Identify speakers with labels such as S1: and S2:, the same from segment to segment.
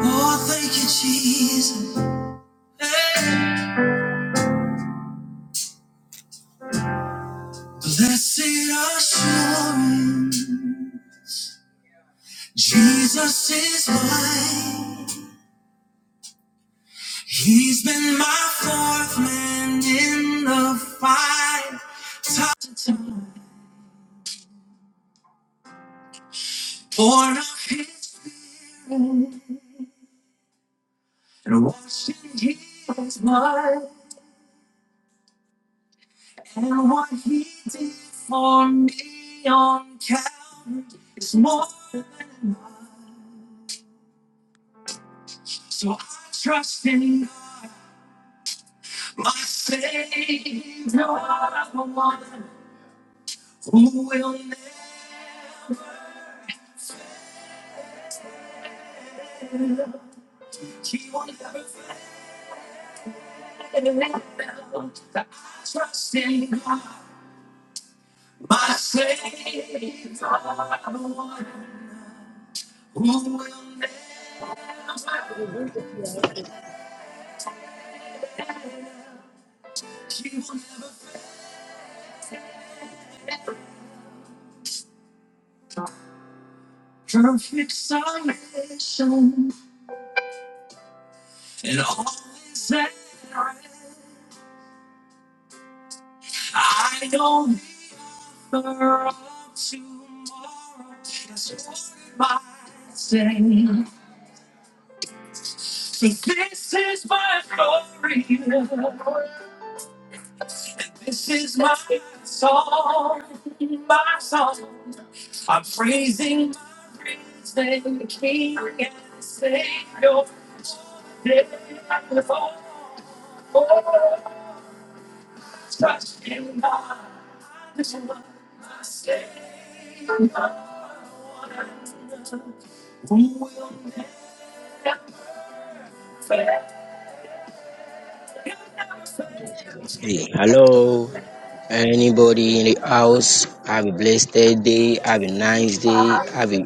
S1: Oh, thank you, Jesus. Hey. Blessed assurance, Jesus is mine. He's been my fourth man in the fight. Taught to pour out his and washed in his blood. And what he did for me on Calvary is more. So I trust in myself, who, myself, who will She will never feel perfect song and all is that I want tomorrow. That's what it matters. I'm-
S2: Hey, hello. Anybody in the house? Have a blessed day. Have a nice day. Have a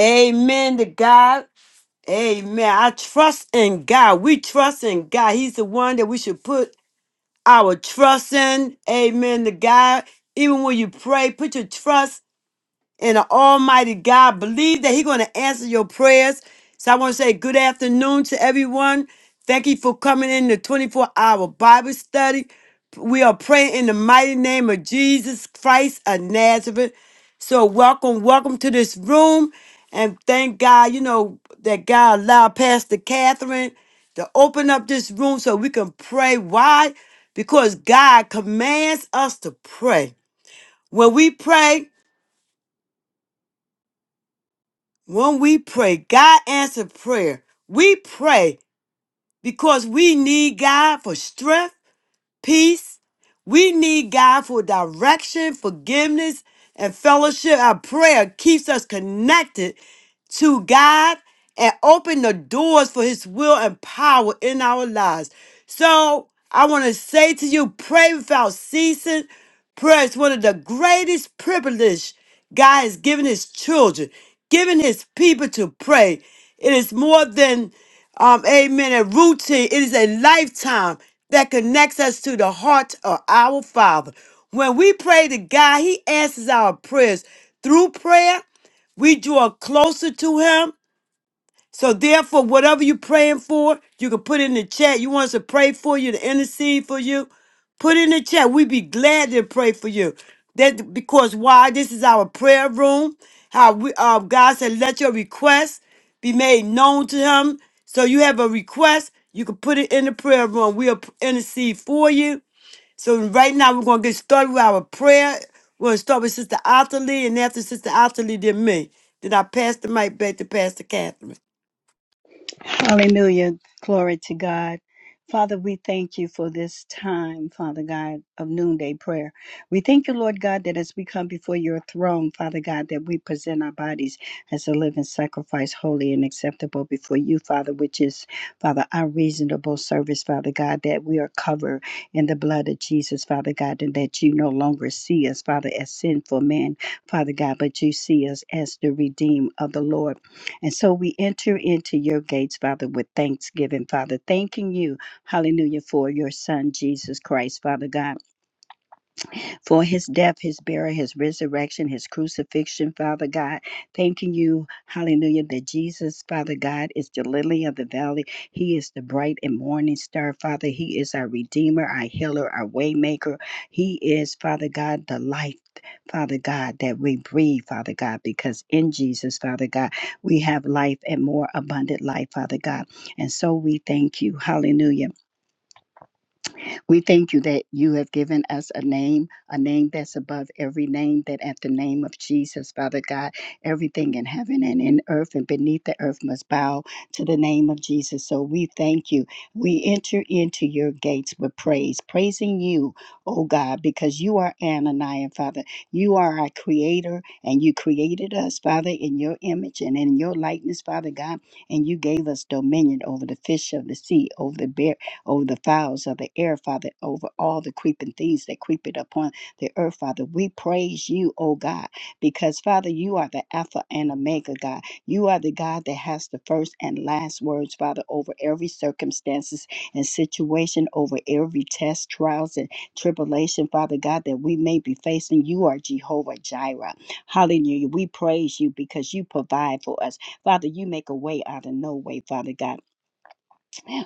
S1: Amen to God. Amen. I trust in God. We trust in God. He's the one that we should put our trust in. Amen to God. Even when you pray, put your trust. and the Almighty God. Believe that He's going to answer your prayers. So I want to say good afternoon to everyone. Thank you for coming in the 24 hour Bible study. We are praying in the mighty name of Jesus Christ of Nazareth. So welcome, welcome to this room. And thank God, you know, that God allowed Pastor Catherine to open up this room so we can pray. Why? Because God commands us to pray. When we pray, When we pray, God answered prayer. We pray because we need God for strength, peace. We need God for direction, forgiveness, and fellowship. Our prayer keeps us connected to God and open the doors for his will and power in our lives. So I want to say to you, pray without ceasing. Prayer is one of the greatest privilege God has given his children, given his people to pray. It is more than um, amen, a routine. It is a lifetime that connects us to the heart of our Father. When we pray to God, He answers our prayers through prayer. We draw closer to him. So therefore, whatever you're praying for, you can put in the chat. You want us to pray for you, to intercede for you. Put in the chat. We'd be glad to pray for you. That because why? This is our prayer room. How we uh, God said, let your requests be made known to him. So you have a request, you can put it in the prayer room. We'll p- intercede for you so right now we're gonna get started with our prayer. We're gonna start with Sister Otterly, and after Sister Otterly, then me. Then I pass the mic back to Pastor Catherine.
S3: Hallelujah. Glory to God. Father, we thank you for this time, Father God, of noonday prayer. We thank you, Lord God, that as we come before your throne, Father God, that we present our bodies as a living sacrifice, holy and acceptable before you, Father, which is, Father, our reasonable service, Father God, that we are covered in the blood of Jesus, Father God, and that you no longer see us, Father, as sinful men, Father God, but you see us as the redeemed of the Lord. And so we enter into your gates, Father, with thanksgiving, Father, thanking you, hallelujah, for your Son, Jesus Christ, Father God, for his death, his burial, his resurrection, his crucifixion, Father God. Thanking you, hallelujah, that Jesus, Father God, is the lily of the valley. He is the bright and morning star, Father. He is our redeemer, our healer, our waymaker. He is, Father God, the life. Father God, that we breathe, Father God, because in Jesus, Father God, we have life and more abundant life, Father God. And so we thank you. Hallelujah we thank you that you have given us a name, a name that's above every name, that at the name of Jesus, Father God, everything in heaven and in earth and beneath the earth must bow to the name of Jesus. So we thank you. We enter into your gates with praise, praising you, oh God, because you are Ananiah, Father. You are our creator, and you created us, Father, in your image and in your likeness, Father God, and you gave us dominion over the fish of the sea, over the bear over the fowls of the air, Father, over all the creeping things that creep it upon the earth, Father. We praise you, O God, because, Father, you are the Alpha and Omega, God. You are the God that has the first and last words, Father, over every circumstances and situation, over every test, trials, and tribulation, Father God, that we may be facing. You are Jehovah Jireh. Hallelujah. We praise you because you provide for us. Father, you make a way out of no way, Father God.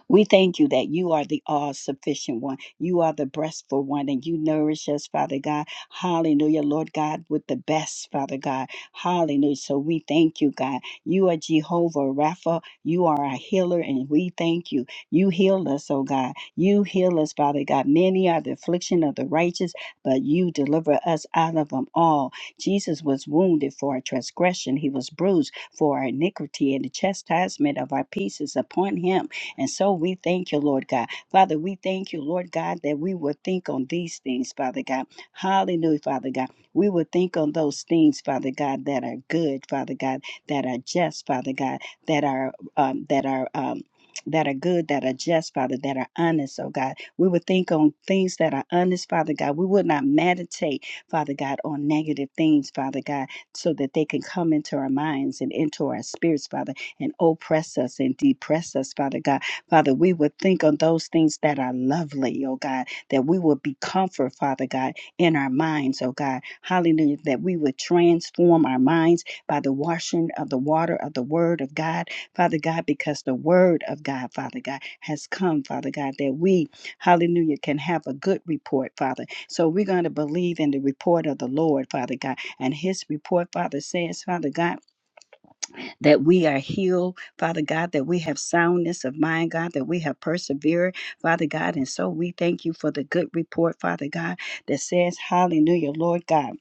S3: We thank you that you are the all sufficient one. You are the breastful one, and you nourish us, Father God. Hallelujah, Lord God, with the best, Father God. Hallelujah. So we thank you, God. You are Jehovah Rapha. You are our healer, and we thank you. You heal us, oh God. You heal us, Father God. Many are the affliction of the righteous, but you deliver us out of them all. Jesus was wounded for our transgression, he was bruised for our iniquity, and the chastisement of our peace is upon him and so we thank you, Lord God. Father, we thank you, Lord God, that we will think on these things, Father God. Hallelujah, Father God. We will think on those things, Father God, that are good, Father God, that are just, Father God, that are um, that are um, that are good, that are just, Father, that are honest, oh God. We would think on things that are honest, Father God. We would not meditate, Father God, on negative things, Father God, so that they can come into our minds and into our spirits, Father, and oppress us and depress us, Father God. Father, we would think on those things that are lovely, oh God, that we would be comfort, Father God, in our minds, oh God. Hallelujah, that we would transform our minds by the washing of the water of the word of God, Father God, because the word of God, Father God, has come, Father God, that we, hallelujah, can have a good report, Father. So we're going to believe in the report of the Lord, Father God. And his report, Father, says, Father God, that we are healed, Father God, that we have soundness of mind, God, that we have persevered, Father God. And so we thank you for the good report, Father God, that says, Hallelujah, Lord God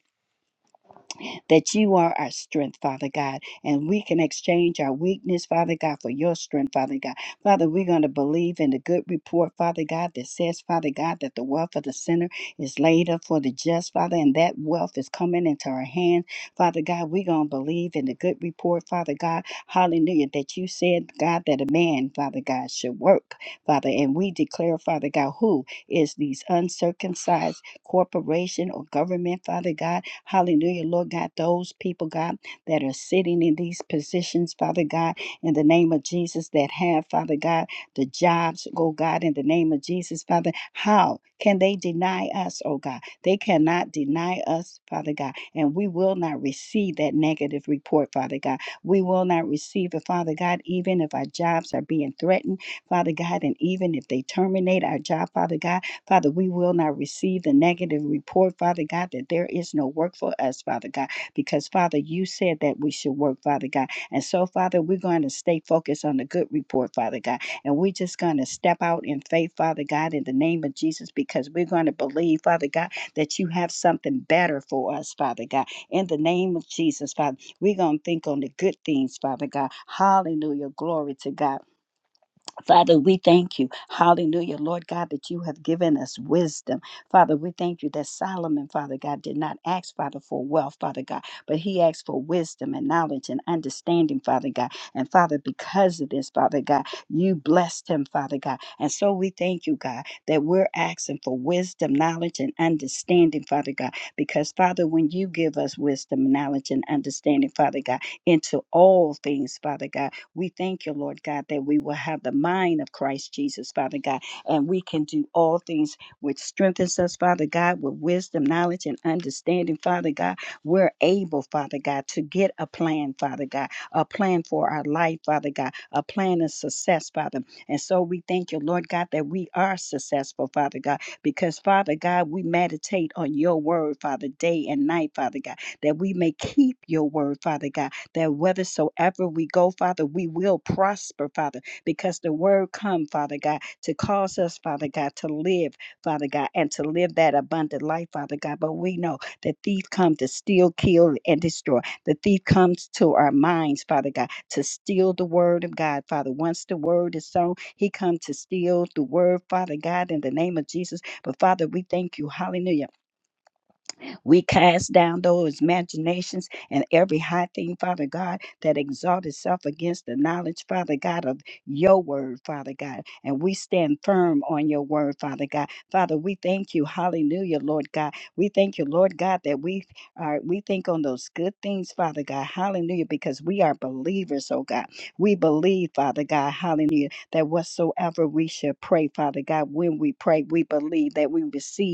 S3: that you are our strength, Father God, and we can exchange our weakness, Father God, for your strength, Father God. Father, we're going to believe in the good report, Father God, that says, Father God, that the wealth of the sinner is laid up for the just, Father, and that wealth is coming into our hands, Father God. We're going to believe in the good report, Father God. Hallelujah, that you said, God, that a man, Father God, should work, Father, and we declare, Father God, who is these uncircumcised corporation or government, Father God. Hallelujah, Lord God, those people, God, that are sitting in these positions, Father God, in the name of Jesus, that have, Father God, the jobs, oh God, in the name of Jesus, Father. How can they deny us, oh God? They cannot deny us, Father God, and we will not receive that negative report, Father God. We will not receive it, Father God, even if our jobs are being threatened, Father God, and even if they terminate our job, Father God. Father, we will not receive the negative report, Father God, that there is no work for us, Father God, because, Father, you said that we should work, Father God. And so, Father, we're going to stay focused on the good report, Father God. And we're just going to step out in faith, Father God, in the name of Jesus, because we're going to believe, Father God, that you have something better for us, Father God. In the name of Jesus, Father, we're going to think on the good things, Father God. Hallelujah. Glory to God. Father, we thank you. Hallelujah. Lord God, that you have given us wisdom. Father, we thank you that Solomon, Father God, did not ask, Father, for wealth, Father God, but he asked for wisdom and knowledge and understanding, Father God. And Father, because of this, Father God, you blessed him, Father God. And so we thank you, God, that we're asking for wisdom, knowledge, and understanding, Father God, because Father, when you give us wisdom, knowledge, and understanding, Father God, into all things, Father God, we thank you, Lord God, that we will have the mind of Christ Jesus, Father God, and we can do all things which strengthens us, Father God, with wisdom, knowledge, and understanding, Father God. We're able, Father God, to get a plan, Father God, a plan for our life, Father God, a plan of success, Father. And so we thank you, Lord God, that we are successful, Father God, because, Father God, we meditate on your word, Father, day and night, Father God, that we may keep your word, Father God that whithersoever we go, Father, we will prosper, Father, because the word come, Father God, to cause us, Father God, to live, Father God, and to live that abundant life, Father God. But we know the thief comes to steal, kill, and destroy. The thief comes to our minds, Father God, to steal the word of God, Father. Once the word is sown, he comes to steal the word, Father God, in the name of Jesus. But Father, we thank you, hallelujah we cast down those imaginations and every high thing, Father God, that exalts itself against the knowledge, Father God, of your word, Father God. And we stand firm on your word, Father God. Father, we thank you. Hallelujah, Lord God. We thank you, Lord God, that we are we think on those good things, Father God. Hallelujah, because we are believers, oh God. We believe, Father God, hallelujah, that whatsoever we should pray, Father God, when we pray, we believe that we receive.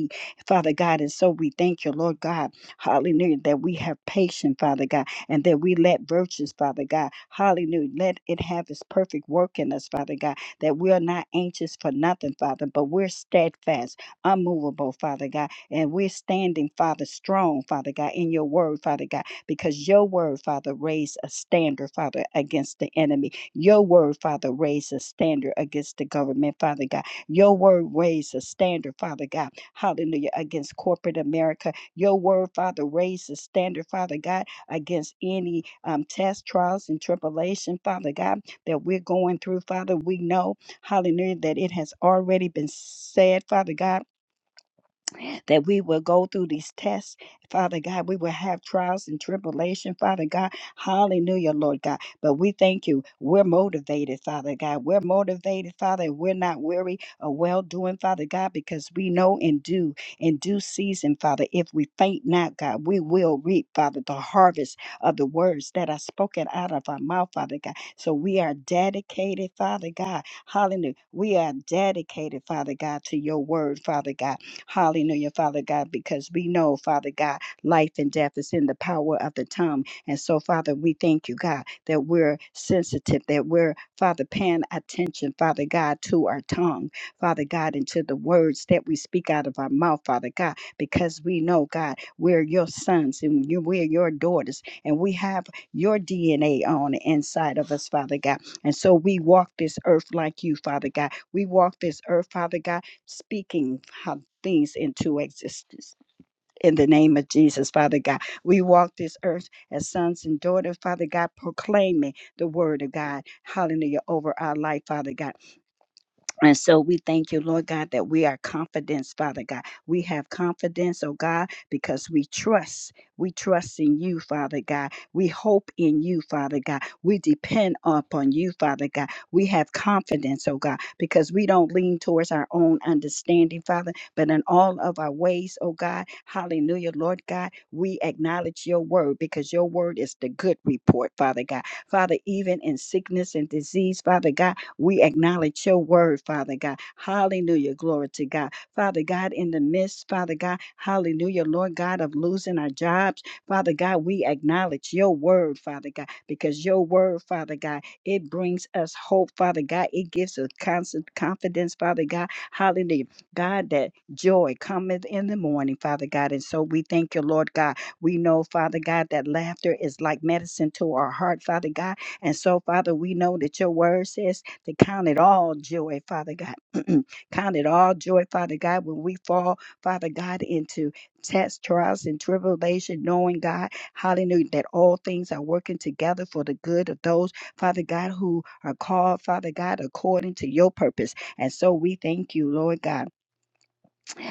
S3: Father God. And so we thank you, Lord God, hallelujah, that we have patience, Father God, and that we let virtues, Father God, hallelujah, let it have its perfect work in us, Father God, that we are not anxious for nothing, Father, but we're steadfast, unmovable, Father God, and we're standing, Father, strong, Father God, in your word, Father God, because your word, Father, raised a standard, Father, against the enemy. Your word, Father, raised a standard against the government, Father God. Your word raised a standard, Father God hallelujah, against corporate America. Your word, Father, raise the standard, Father God, against any um, test, trials, and tribulation, Father God, that we're going through, Father. We know, hallelujah, that it has already been said, Father God that we will go through these tests, Father God. We will have trials and tribulation, Father God. Hallelujah, Lord God. But we thank you. We're motivated, Father God. We're motivated, Father. We're not weary of well doing, Father God, because we know in due in due season, Father. If we faint not, God, we will reap, Father, the harvest of the words that are spoken out of our mouth, Father God. So we are dedicated, Father God. Hallelujah. We are dedicated, Father God, to your word, Father God. Hallelujah, Father God, because we know, Father God, life and death is in the power of the tongue. And so, Father, we thank you, God, that we're sensitive, that we're, Father, paying attention, Father God, to our tongue, Father God, and to the words that we speak out of our mouth, Father God, because we know, God, we're your sons and you, we're your daughters, and we have your DNA on the inside of us, Father God. And so we walk this earth like you, Father God. We walk this earth, Father God, speaking things into existence. In the name of Jesus, Father God, we walk this earth as sons and daughters, Father God, proclaiming the word of God, hallelujah, over our life, Father God. And so we thank you, Lord God, that we are confident, Father God. We have confidence, oh God, because we trust. We trust in you, Father God. We hope in you, Father God. We depend upon you, Father God. We have confidence, oh God, because we don't lean towards our own understanding, Father, but in all of our ways, oh God, hallelujah, Lord God, we acknowledge your word because your word is the good report, Father God. Father, even in sickness and disease, Father God, we acknowledge your word, Father God. Hallelujah. Glory to God. Father God, in the midst, Father God, hallelujah, Lord God, of losing our jobs, Father God, we acknowledge your word, Father God, because your word, Father God, it brings us hope, Father God. It gives us constant confidence, Father God. Hallelujah. God, that joy cometh in the morning, Father God. And so we thank you, Lord God. We know, Father God, that laughter is like medicine to our heart, Father God. And so, Father, we know that your word says to count it all joy, Father God. count it all joy, Father God, when we fall, Father God, into tests, trials, and tribulation, knowing God, hallelujah, that all things are working together for the good of those, Father God, who are called, Father God, according to your purpose. And so we thank you, Lord God.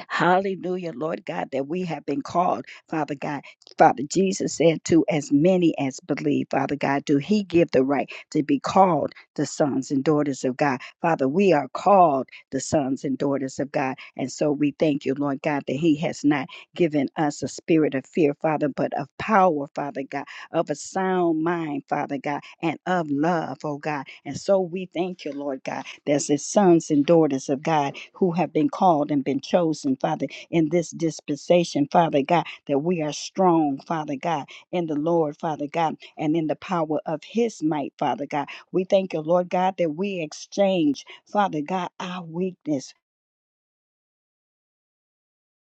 S3: Hallelujah, Lord God, that we have been called, Father God. Father Jesus said to as many as believe, Father God, do He give the right to be called the sons and daughters of God. Father, we are called the sons and daughters of God. And so we thank you, Lord God, that He has not given us a spirit of fear, Father, but of power, Father God of a sound mind, Father God, and of love, oh God. And so we thank you, Lord God, there's the sons and daughters of God who have been called and been chosen, Father, in this dispensation, Father God, that we are strong, Father God, in the Lord, Father God, and in the power of his might, Father God. We thank you, Lord God, that we exchange, Father God, our weakness.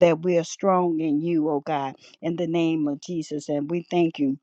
S3: That we are strong in you, oh God, in the name of Jesus. And we thank you.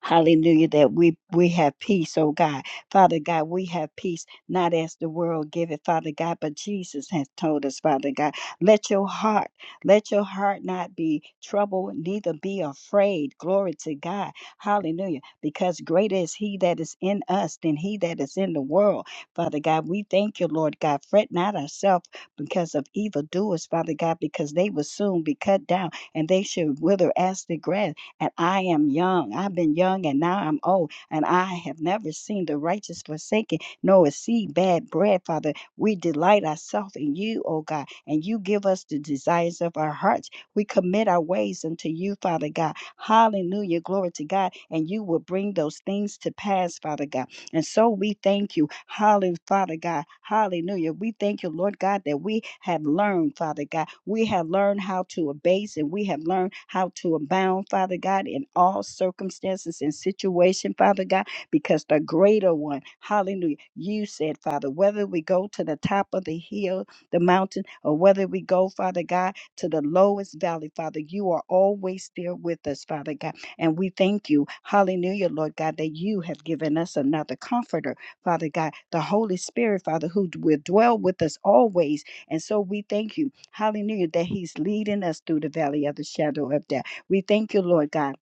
S3: Hallelujah, that we, we have peace, oh God. Father God, we have peace, not as the world give it, Father God, but Jesus has told us, Father God, let your heart, let your heart not be troubled, neither be afraid. Glory to God. Hallelujah. Because greater is he that is in us than he that is in the world. Father God, we thank you, Lord God. Fret not ourselves because of evildoers, Father God, because they will soon be cut down and they should wither as the grass and I am young. I've been young and now I'm old, and I have never seen the righteous forsaken, nor a seed bad bread, Father. We delight ourselves in you, O God, and you give us the desires of our hearts. We commit our ways unto you, Father God. Hallelujah. Glory to God. And you will bring those things to pass, Father God. And so we thank you. Hallelujah, Father God. Hallelujah. We thank you, Lord God, that we have learned, Father God. We have learned how to abase and we have learned how to abound, Father God, in all circumstances and situation, Father God, because the greater one, hallelujah, you said, Father, whether we go to the top of the hill, the mountain, or whether we go, Father God, to the lowest valley, Father, you are always there with us, Father God. And we thank you, hallelujah, Lord God, that you have given us another comforter, Father God, the Holy Spirit, Father, who d- will dwell with us always. And so we thank you, hallelujah, that He's leading us through the valley of the shadow of death. We thank you, Lord God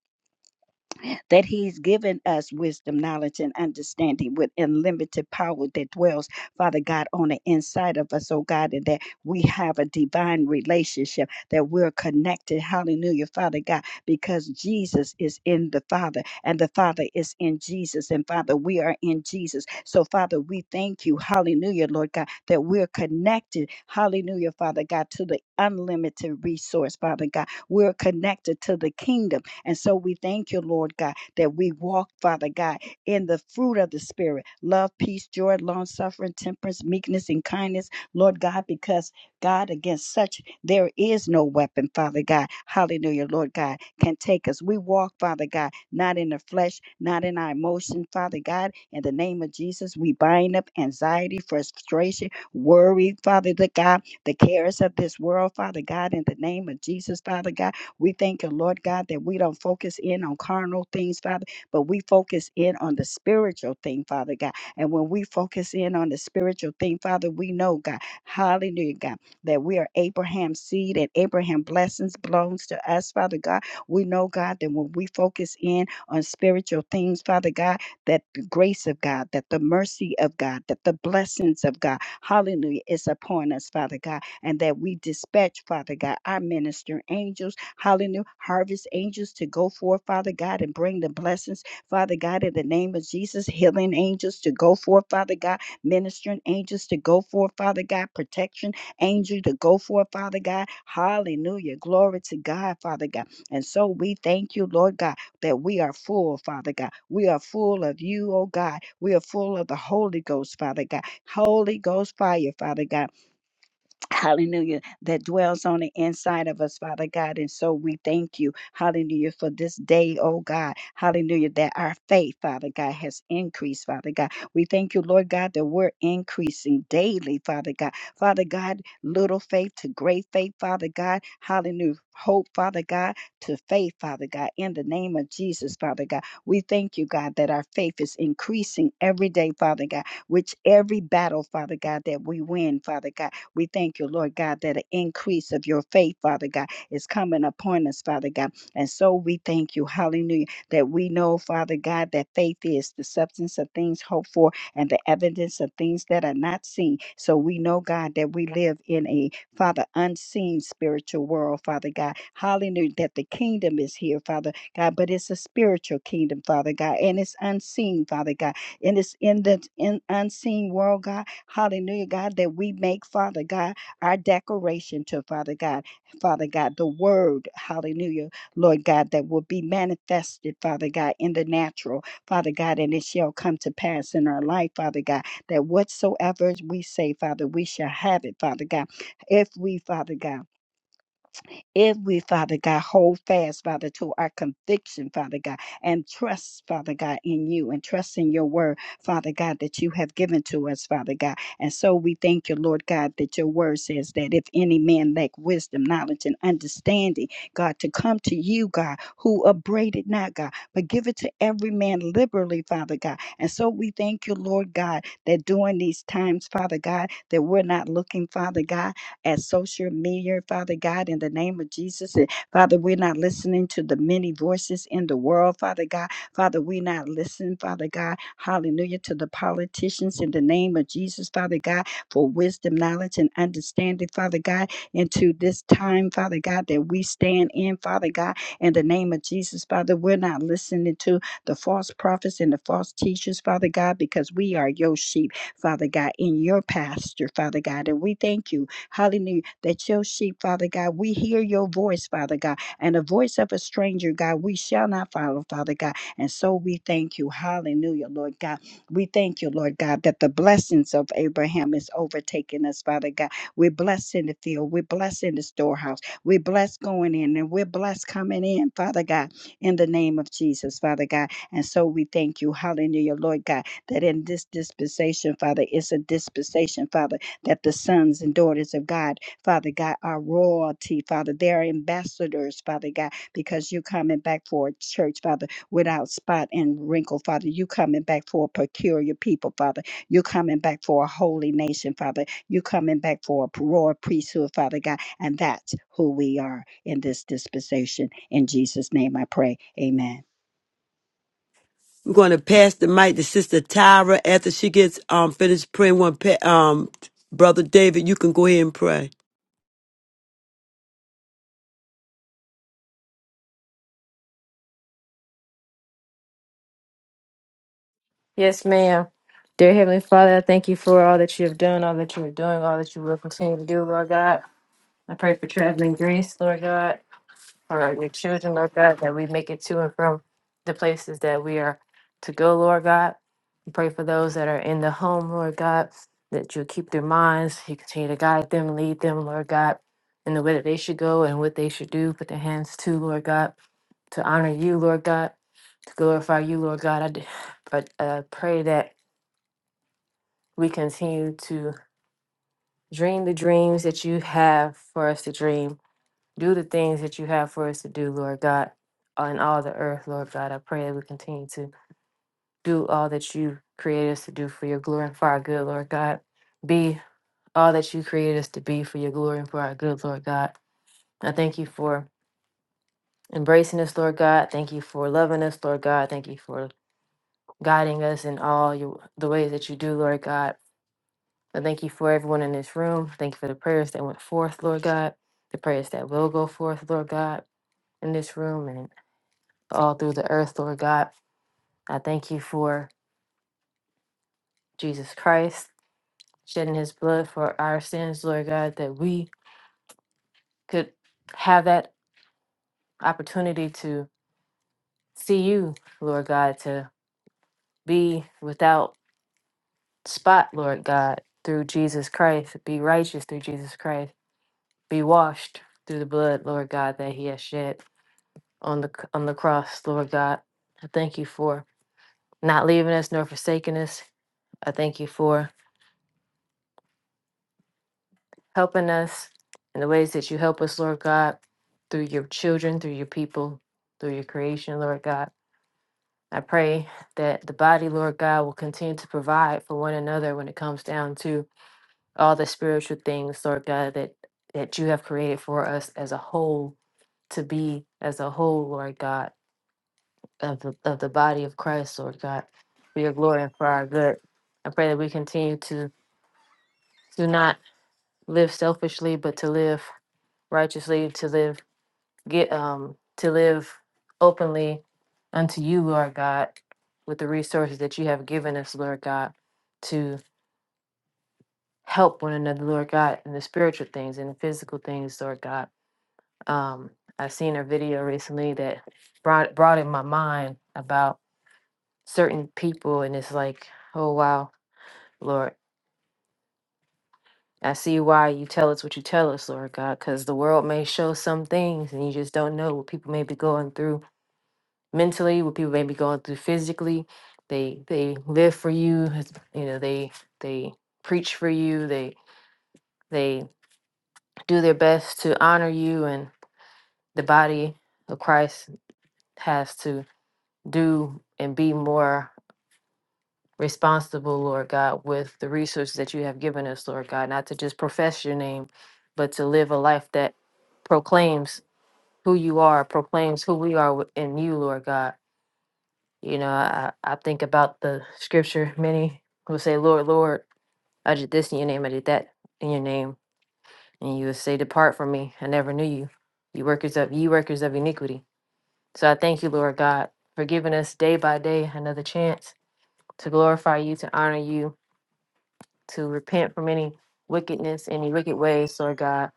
S3: that He's given us wisdom, knowledge, and understanding with unlimited power that dwells, Father God, on the inside of us, oh God, and that we have a divine relationship, that we're connected. Hallelujah, Father God, because Jesus is in the Father, and the Father is in Jesus, and Father, we are in Jesus. So, Father, we thank you, hallelujah, Lord God, that we're connected, hallelujah, Father God, to the unlimited resource, Father God. We're connected to the kingdom. And so we thank you, Lord God that we walk, Father God, in the fruit of the Spirit love, peace, joy, long suffering, temperance, meekness, and kindness, Lord God, because God, against such there is no weapon, Father God. Hallelujah, Lord God, can take us. We walk, Father God, not in the flesh, not in our emotion, Father God. In the name of Jesus, we bind up anxiety, frustration, worry, Father the God, the cares of this world, Father God, in the name of Jesus, Father God. We thank you, Lord God, that we don't focus in on carnal things, Father, but we focus in on the spiritual thing, Father God. And when we focus in on the spiritual thing, Father, we know, God, hallelujah, God, that we are Abraham's seed and Abraham blessings belongs to us, Father God. We know, God, that when we focus in on spiritual things, Father God, that the grace of God, that the mercy of God, that the blessings of God, hallelujah, is upon us, Father God and that we dispatch, Father God, our minister angels, hallelujah, harvest angels to go forth, Father God, and bring the blessings, Father God, in the name of Jesus, healing angels to go forth, Father God, ministering angels to go forth, Father God, protection angel to go forth, Father God, hallelujah, glory to God, Father God. And so we thank you, Lord God, that we are full, Father God. We are full of you, oh God. We are full of the Holy Ghost, Father God. Holy Ghost fire, Father God. Hallelujah, that dwells on the inside of us, Father God. And so we thank you, hallelujah, for this day, oh God. Hallelujah, that our faith, Father God, has increased, Father God. We thank you, Lord God, that we're increasing daily, Father God. Father God, little faith to great faith, Father God. Hallelujah, hope, Father God, to faith, Father God. In the name of Jesus, Father God, we thank you, God, that our faith is increasing every day, Father God, which every battle, Father God, that we win, Father God. We thank you, Lord God, that an increase of your faith, Father God, is coming upon us, Father God. And so we thank you, hallelujah, that we know, Father God, that faith is the substance of things hoped for and the evidence of things that are not seen. So we know, God, that we live in a, Father, unseen spiritual world, Father God. Hallelujah, that the kingdom is here, Father God, but it's a spiritual kingdom, Father God, and it's unseen, Father God, and it's in the in unseen world, God Hallelujah, God, that we make, Father God, our declaration to Father God, Father God, the word, hallelujah, Lord God, that will be manifested, Father God, in the natural, Father God, and it shall come to pass in our life, Father God, that whatsoever we say, Father, we shall have it, Father God. If we, Father God, if we, Father God, hold fast, Father, to our conviction, Father God, and trust, Father God, in you and trust in your word, Father God, that you have given to us, Father God. And so we thank you, Lord God, that your word says that if any man lack wisdom, knowledge, and understanding, God, to come to you, God, who upbraided not, God, but give it to every man liberally, Father God. And so we thank you, Lord God, that during these times, Father God, that we're not looking, Father God at social media, Father God, in the name of Jesus. And Father, we're not listening to the many voices in the world, Father God. Father, we're not listening, Father God, hallelujah, to the politicians in the name of Jesus, Father God, for wisdom, knowledge, and understanding, Father God, into this time, Father God, that we stand in, Father God, in the name of Jesus, Father. We're not listening to the false prophets and the false teachers, Father God, because we are your sheep, Father God, in your pasture, Father God. And we thank you Hallelujah. That your sheep, Father God, we hear your voice, Father God, and the voice of a stranger, God, we shall not follow, Father God. And so we thank you. Hallelujah, Lord God. We thank you, Lord God, that the blessings of Abraham is overtaking us, Father God. We're blessed in the field. We're blessed in the storehouse. We're blessed going in and we're blessed coming in, Father God, in the name of Jesus, Father God. And so we thank you. Hallelujah, Lord God, that in this dispensation, Father, it's a dispensation, Father that the sons and daughters of God, Father God, are royalty, Father. They're ambassadors, Father God, because you're coming back for a church, Father, without spot and wrinkle, Father. you coming back for a peculiar people, Father. You're coming back for a holy nation, Father. You're coming back for a royal priesthood, Father God. And that's who we are in this dispensation. In Jesus' name I pray. Amen.
S1: We're gonna pass the mic to Sister Tyra after she gets um finished praying. One pa- um brother David, you can go ahead and pray.
S4: Yes, ma'am. Dear Heavenly Father, I thank you for all that you have done, all that you are doing, all that you will continue to do, Lord God. I pray for traveling grace, Lord God, for your children, Lord God, that we make it to and from the places that we are to go, Lord God. I pray for those that are in the home, Lord God, that you keep their minds, you continue to guide them, lead them, Lord God, in the way that they should go and what they should do. Put their hands to, Lord God, to honor you, Lord God, to glorify you, Lord God. I, d- I uh, pray that we continue to dream the dreams that you have for us to dream, do the things that you have for us to do, Lord God, on all the earth, Lord God. I pray that we continue to do all that you created us to do for your glory and for our good, Lord God. Be all that you created us to be for your glory and for our good, Lord God. I thank you for embracing us, Lord God. Thank you for loving us, Lord God. Thank you for guiding us in all your, the ways that you do, Lord God. I thank you for everyone in this room. Thank you for the prayers that went forth, Lord God, the prayers that will go forth, Lord God, in this room and all through the earth, Lord God. I thank you for Jesus Christ shedding his blood for our sins, Lord God, that we could have that opportunity to see you, Lord God, to be without spot, Lord God, through Jesus Christ, be righteous through Jesus Christ, be washed through the blood, Lord God, that he has shed. on the c- on the cross, Lord God. I thank you for not leaving us nor forsaking us. I thank you for helping us in the ways that you help us, Lord God, through your children, through your people, through your creation, Lord God. I pray that the body, Lord God, will continue to provide for one another when it comes down to all the spiritual things, Lord God, that that you have created for us as a whole to be as a whole, Lord God. of the, of the body of Christ, Lord God, for your glory and for our good. I pray that we continue to do not live selfishly, but to live righteously, to live get um to live openly unto you, Lord God, with the resources that you have given us, Lord God, to help one another, Lord God, in the spiritual things and the physical things, Lord God. Um, I've seen a video recently that brought brought in my mind about certain people, and it's like, oh wow, Lord. I see why you tell us what you tell us, Lord God, because the world may show some things and you just don't know what people may be going through mentally, what people may be going through physically. They they live for you, it's- you know, they they preach for you, they they do their best to honor you and the body of Christ has to do and be more responsible, Lord God, with the resources that you have given us, Lord God, not to just profess your name, but to live a life that proclaims who you are, proclaims who we are wi- in you, Lord God. You know, I, I think about the scripture, many will say, Lord, Lord, I did this in your name, I did that in your name. And you would say, Depart from me. I never knew you. You workers of you workers of iniquity. So I thank you, Lord God, for giving us day by day another chance to glorify you, to honor you, to repent from any wickedness, any wicked ways, Lord God,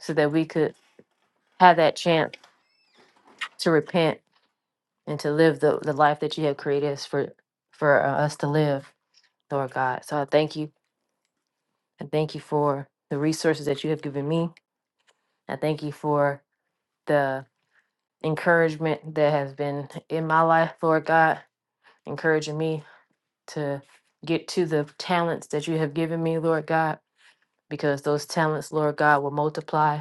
S4: so that we could have that chance to repent and to live the, the life that you have created us for for uh, us to live, Lord God. So I thank you. I thank you for the resources that you have given me. I thank you for the encouragement that has been in my life, Lord God, encouraging me to get to the talents that you have given me, Lord God because those talents, Lord God, will multiply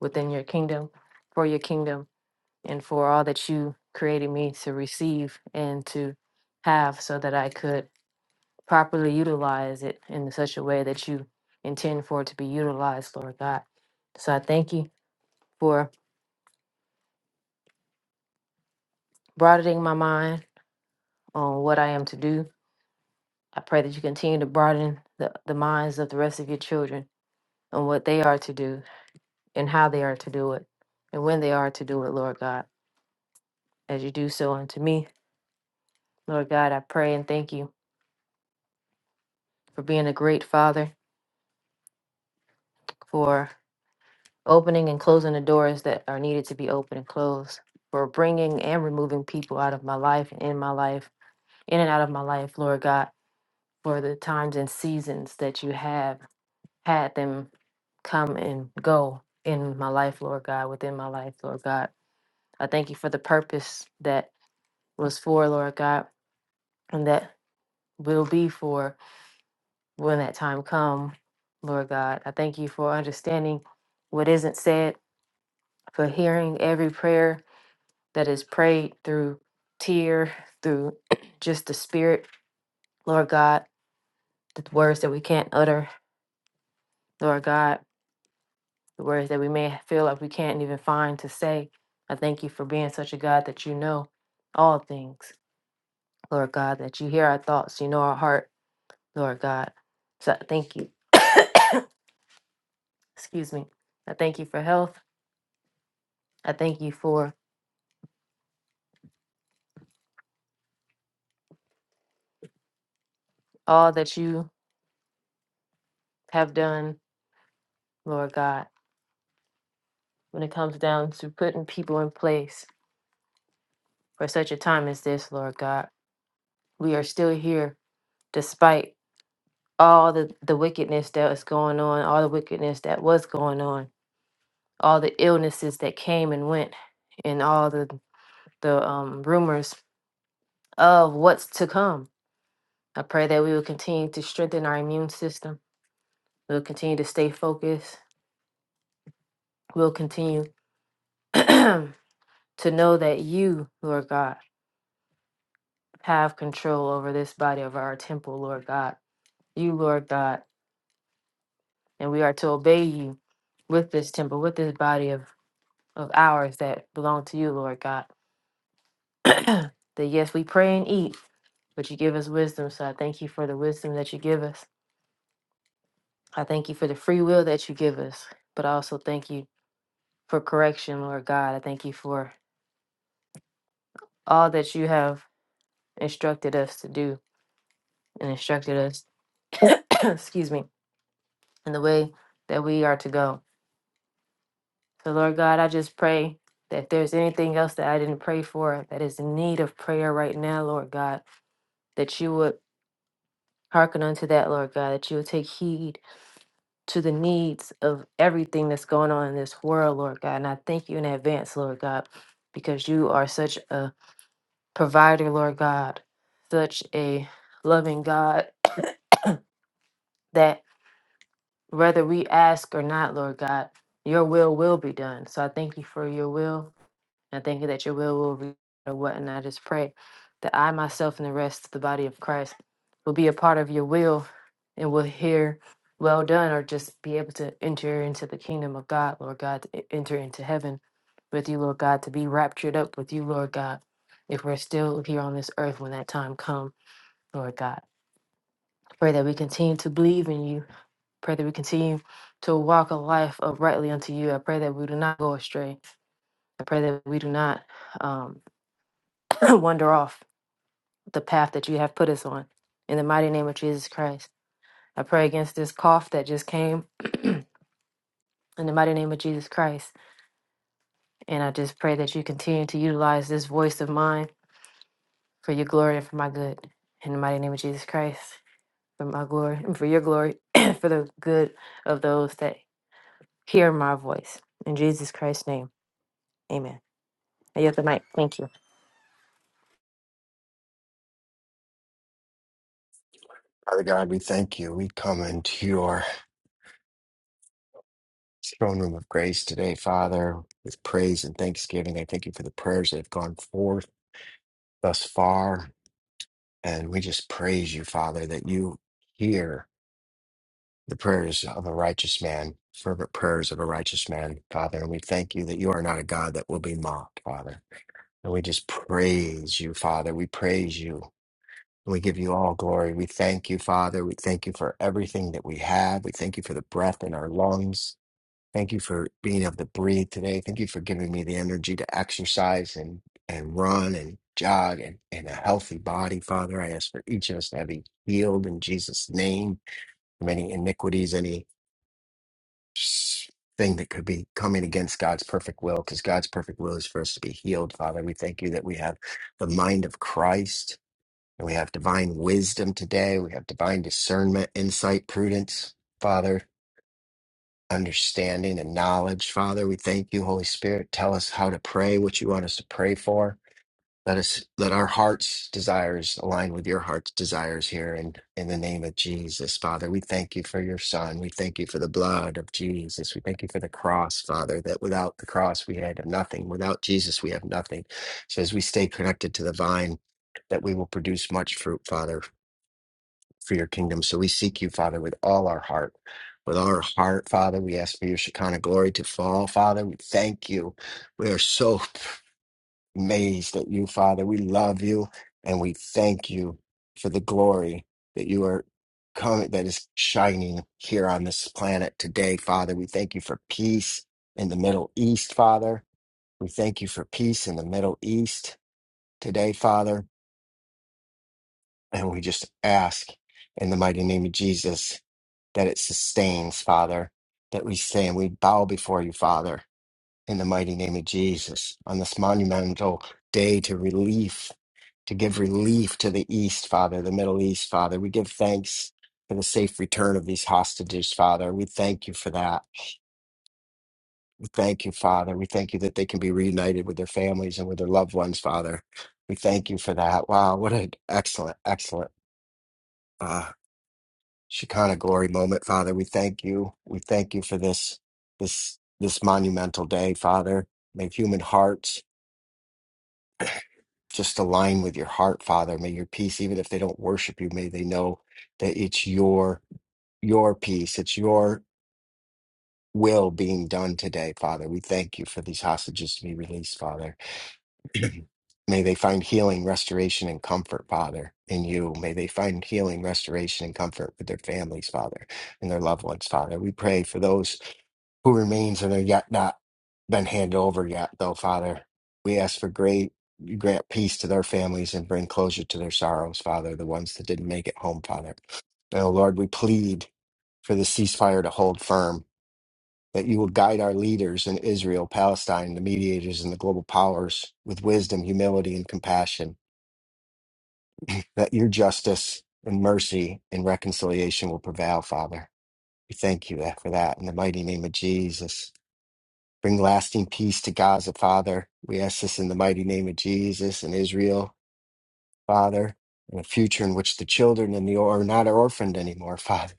S4: within your kingdom, for your kingdom, and for all that you created me to receive and to have so that I could properly utilize it in such a way that you intend for it to be utilized, Lord God. So I thank you for broadening my mind on what I am to do. I pray that you continue to broaden the, the minds of the rest of your children on what they are to do and how they are to do it and when they are to do it, Lord God. as you do so unto me. Lord God, I pray and thank you for being a great father, for opening and closing the doors that are needed to be opened and closed, for bringing and removing people out of my life and in my life, in and out of my life, Lord God, for the times and seasons that you have had them come and go in my life, Lord God, within my life, Lord God. I thank you for the purpose that was for, Lord God, and that will be for. when that time come, Lord God. I thank you for understanding what isn't said, for hearing every prayer that is prayed through tear, through just the spirit, Lord God, the words that we can't utter, Lord God, the words that we may feel like we can't even find to say. I thank you for being such a God that you know all things, Lord God, that you hear our thoughts, you know our heart, Lord God. So I thank you. Excuse me. I thank you for health. I thank you for all that you have done, Lord God, when it comes down to putting people in place for such a time as this, Lord God. We are still here despite all the, the wickedness that is going on, all the wickedness that was going on, all the illnesses that came and went, and all the, the um, rumors of what's to come. I pray that we will continue to strengthen our immune system. We'll continue to stay focused. We'll continue to know that you, Lord God, have control over this body of our temple, Lord God. You, Lord God, and we are to obey you with this temple, with this body of, of ours that belong to you, Lord God. that yes, we pray and eat, but you give us wisdom. So I thank you for the wisdom that you give us. I thank you for the free will that you give us, but I also thank you for correction, Lord God. I thank you for all that you have instructed us to do and instructed us, excuse me, in the way that we are to go. So, Lord God, I just pray that if there's anything else that I didn't pray for that is in need of prayer right now, Lord God, that you would hearken unto that, Lord God, that you would take heed to the needs of everything that's going on in this world, Lord God. And I thank you in advance, Lord God, because you are such a provider, Lord God, such a loving God that whether we ask or not, Lord God, your will will be done. So I thank you for your will. And I thank you that your will will be or what. And I just pray that I myself and the rest of the body of Christ will be a part of your will and will hear well done or just be able to enter into the kingdom of God, Lord God, to e- enter into heaven with you, Lord God, to be raptured up with you, Lord God, if we're still here on this earth when that time comes, Lord God. Pray that we continue to believe in you. Pray that we continue to walk a life uprightly unto you. I pray that we do not go astray. I pray that we do not um, wander off the path that you have put us on. In the mighty name of Jesus Christ, I pray against this cough that just came. in the mighty name of Jesus Christ, and I just pray that you continue to utilize this voice of mine for your glory and for my good. In the mighty name of Jesus Christ, for my glory and for your glory, for the good of those that hear my voice. In Jesus Christ's name, amen. I yield the mic. Thank you.
S5: Father God, we thank you. We come into your throne room of grace today, Father, with praise and thanksgiving. I thank you for the prayers that have gone forth thus far. And we just praise you, Father, that you hear the prayers of a righteous man, fervent prayers of a righteous man, Father. And we thank you that you are not a God that will be mocked, Father. And we just praise you, Father. We praise you. We give you all glory. We thank you, Father. We thank you for everything that we have. We thank you for the breath in our lungs. Thank you for being able to breathe today. Thank you for giving me the energy to exercise and, and run and jog and, and a healthy body, Father. I ask for each of us to be healed in Jesus' name from any iniquities, any s- thing that could be coming against God's perfect will, because God's perfect will is for us to be healed, Father. We thank you that we have the mind of Christ and we have divine wisdom today. We have divine discernment, insight, prudence, Father understanding and knowledge. Father, we thank you, Holy Spirit. Tell us how to pray, what you want us to pray for. Let us let our hearts' desires align with your heart's desires here and in in the name of Jesus, Father. We thank you for your son. We thank you for the blood of Jesus. We thank you for the cross, Father, that without the cross we had nothing. Without Jesus we have nothing. So as we stay connected to the vine, that we will produce much fruit, Father for your kingdom. So we seek you, Father, with all our heart. With all our heart, Father, we ask for your Shekinah glory to fall, Father. We thank you. We are so amazed at you, Father. We love you and we thank you for the glory that you are coming, that is shining here on this planet today, Father. We thank you for peace in the Middle East, Father. We thank you for peace in the Middle East today, Father. And we just ask in the mighty name of Jesus that it sustains, Father, that we say and we bow before you, Father, in the mighty name of Jesus on this monumental day to relief, to give relief to the East, Father, the Middle East, Father. We give thanks for the safe return of these hostages, Father. We thank you for that. We thank you, Father. We thank you that they can be reunited with their families and with their loved ones, Father. We thank you for that. Wow, what an excellent, excellent. uh, Shekinah glory moment, Father. We thank you. We thank you for this this this monumental day, Father. May human hearts just align with your heart, Father. May your peace, even if they don't worship you, may they know that it's your your peace. It's your will being done today, Father. We thank you for these hostages to be released, Father. May they find healing, restoration, and comfort, Father, in you. May they find healing, restoration, and comfort with their families, Father, and their loved ones, Father. We pray for those who remains and are yet not been handed over yet, though, Father. We ask for great grant peace to their families and bring closure to their sorrows, Father, the ones that didn't make it home, Father. And Oh Lord, we plead for the ceasefire to hold firm, that you will guide our leaders in Israel, Palestine, the mediators, and the global powers with wisdom, humility, and compassion, that your justice and mercy and reconciliation will prevail, Father. We thank you eh, for that in the mighty name of Jesus. Bring lasting peace to Gaza, Father. We ask this in the mighty name of Jesus and Israel, Father, in a future in which the children and the or- are not orphaned anymore, Father.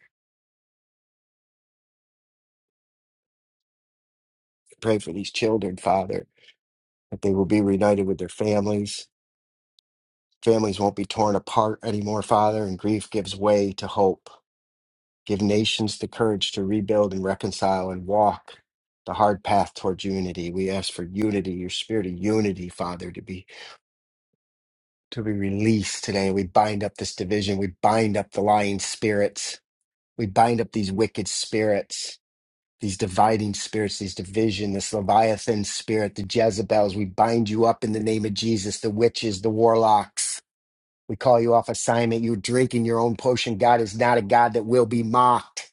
S5: Pray for these children, Father, that they will be reunited with their families. Families won't be torn apart anymore, Father, and grief gives way to hope. Give nations the courage to rebuild and reconcile and walk the hard path towards unity. We ask for unity, your spirit of unity, Father, to be to be released today. We bind up this division. We bind up the lying spirits. We bind up these wicked spirits, these dividing spirits, these division, this Leviathan spirit, the Jezebels. We bind you up in the name of Jesus, the witches, the warlocks. We call you off assignment. You're drinking your own potion. God is not a God that will be mocked.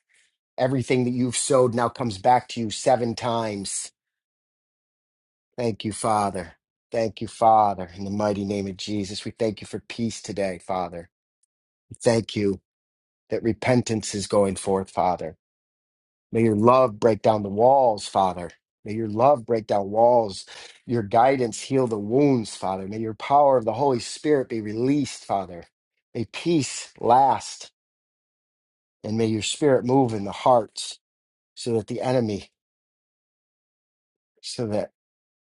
S5: Everything that you've sowed now comes back to you seven times. Thank you, Father. Thank you, Father. In the mighty name of Jesus, we thank you for peace today, Father. Thank you that repentance is going forth, Father. May your love break down the walls, Father. May your love break down walls. Your guidance heal the wounds, Father. May your power of the Holy Spirit be released, Father. May peace last, and may your spirit move in the hearts so that the enemy, so that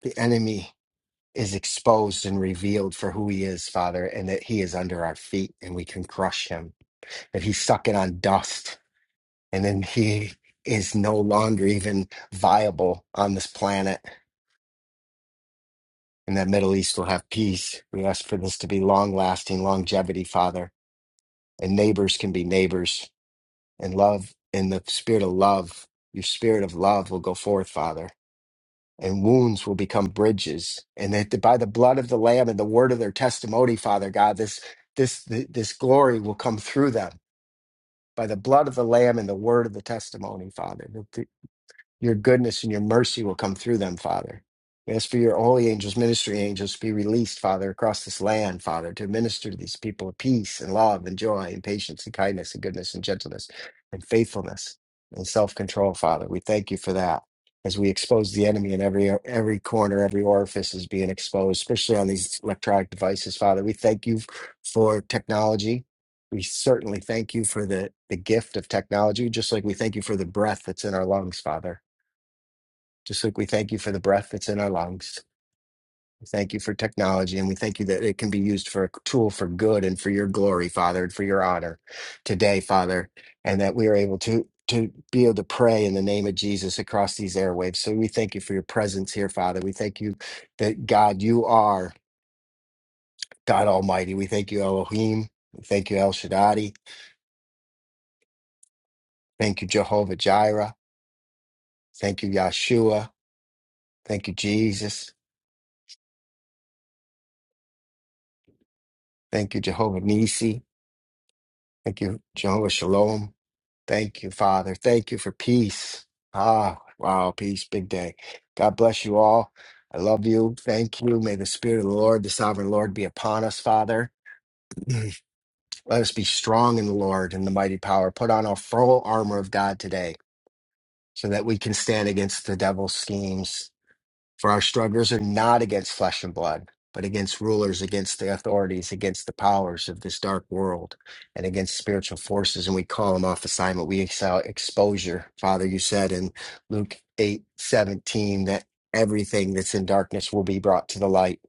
S5: the enemy is exposed and revealed for who he is, Father, and that he is under our feet and we can crush him, that he's sucking on dust and then he is no longer even viable on this planet, and that Middle East will have peace. We ask for this to be long lasting, longevity, Father, and neighbors can be neighbors, and love, in the spirit of love, your spirit of love will go forth, Father. And wounds will become bridges, and that by the blood of the Lamb and the word of their testimony, Father God, this this this glory will come through them by the blood of the Lamb and the word of the testimony, Father. Your goodness and your mercy will come through them, Father. We ask for your holy angels, ministry angels, to be released, Father, across this land, Father, to minister to these people of peace and love and joy and patience and kindness and goodness and gentleness and faithfulness and self control, Father. We thank you for that as we expose the enemy in every every corner, every orifice is being exposed, especially on these electronic devices, Father. We thank you for technology. We certainly thank you for the, the gift of technology, just like we thank you for the breath that's in our lungs, Father just like we thank you for the breath that's in our lungs. We thank you for technology and we thank you that it can be used for a tool for good and for your glory, Father, and for your honor today, Father, and that we are able to to be able to pray in the name of Jesus across these airwaves. So we thank you for your presence here, Father. We thank you that God, you are God Almighty. We thank you, Elohim. We thank you, El Shaddai. Thank you, Jehovah Jireh. Thank you, Yahshua. Thank you, Jesus. Thank you, Jehovah Nisi. Thank you, Jehovah Shalom. Thank you, Father. Thank you for peace. Ah, wow, peace, big day. God bless you all. I love you. Thank you. May the Spirit of the Lord, the sovereign Lord, be upon us, Father. Let us be strong in the Lord and the mighty power. Put on our full armor of God today so that we can stand against the devil's schemes. For our struggles are not against flesh and blood, but against rulers, against the authorities, against the powers of this dark world, and against spiritual forces. And we call them off assignment. We excel exposure. Father, you said in Luke eight seventeen that everything that's in darkness will be brought to the light.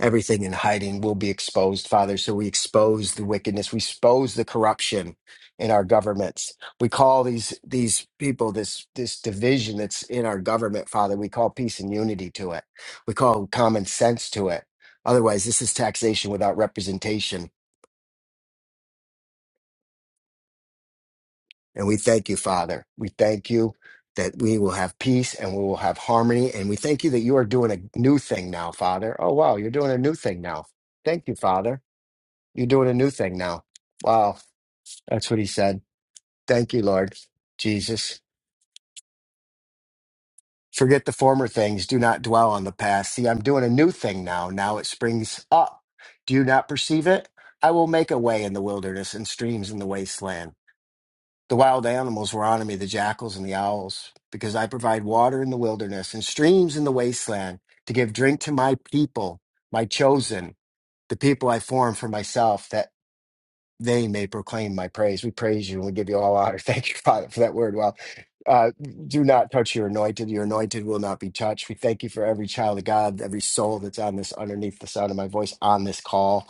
S5: Everything in hiding will be exposed, Father. So we expose the wickedness, we expose the corruption in our governments we call these these people this this division that's in our government father we call peace and unity to it we call common sense to it otherwise this is taxation without representation and we thank you father we thank you that we will have peace and we will have harmony and we thank you that you are doing a new thing now father oh wow you're doing a new thing now thank you father you're doing a new thing now wow that's what he said thank you lord jesus Forget the former things. Do not dwell on the past. See, I'm doing a new thing now. Now it springs up. Do you not perceive it? I will make a way in the wilderness and streams in the wasteland. The wild animals will honor me, the jackals and the owls, because I provide water in the wilderness and streams in the wasteland to give drink to my people, my chosen, the people I form for myself. That they may proclaim my praise. We praise you and we give you all honor. Thank you, Father, for that word. Well, uh, do not touch your anointed. Your anointed will not be touched. We thank you for every child of God, every soul that's on this underneath the sound of my voice on this call.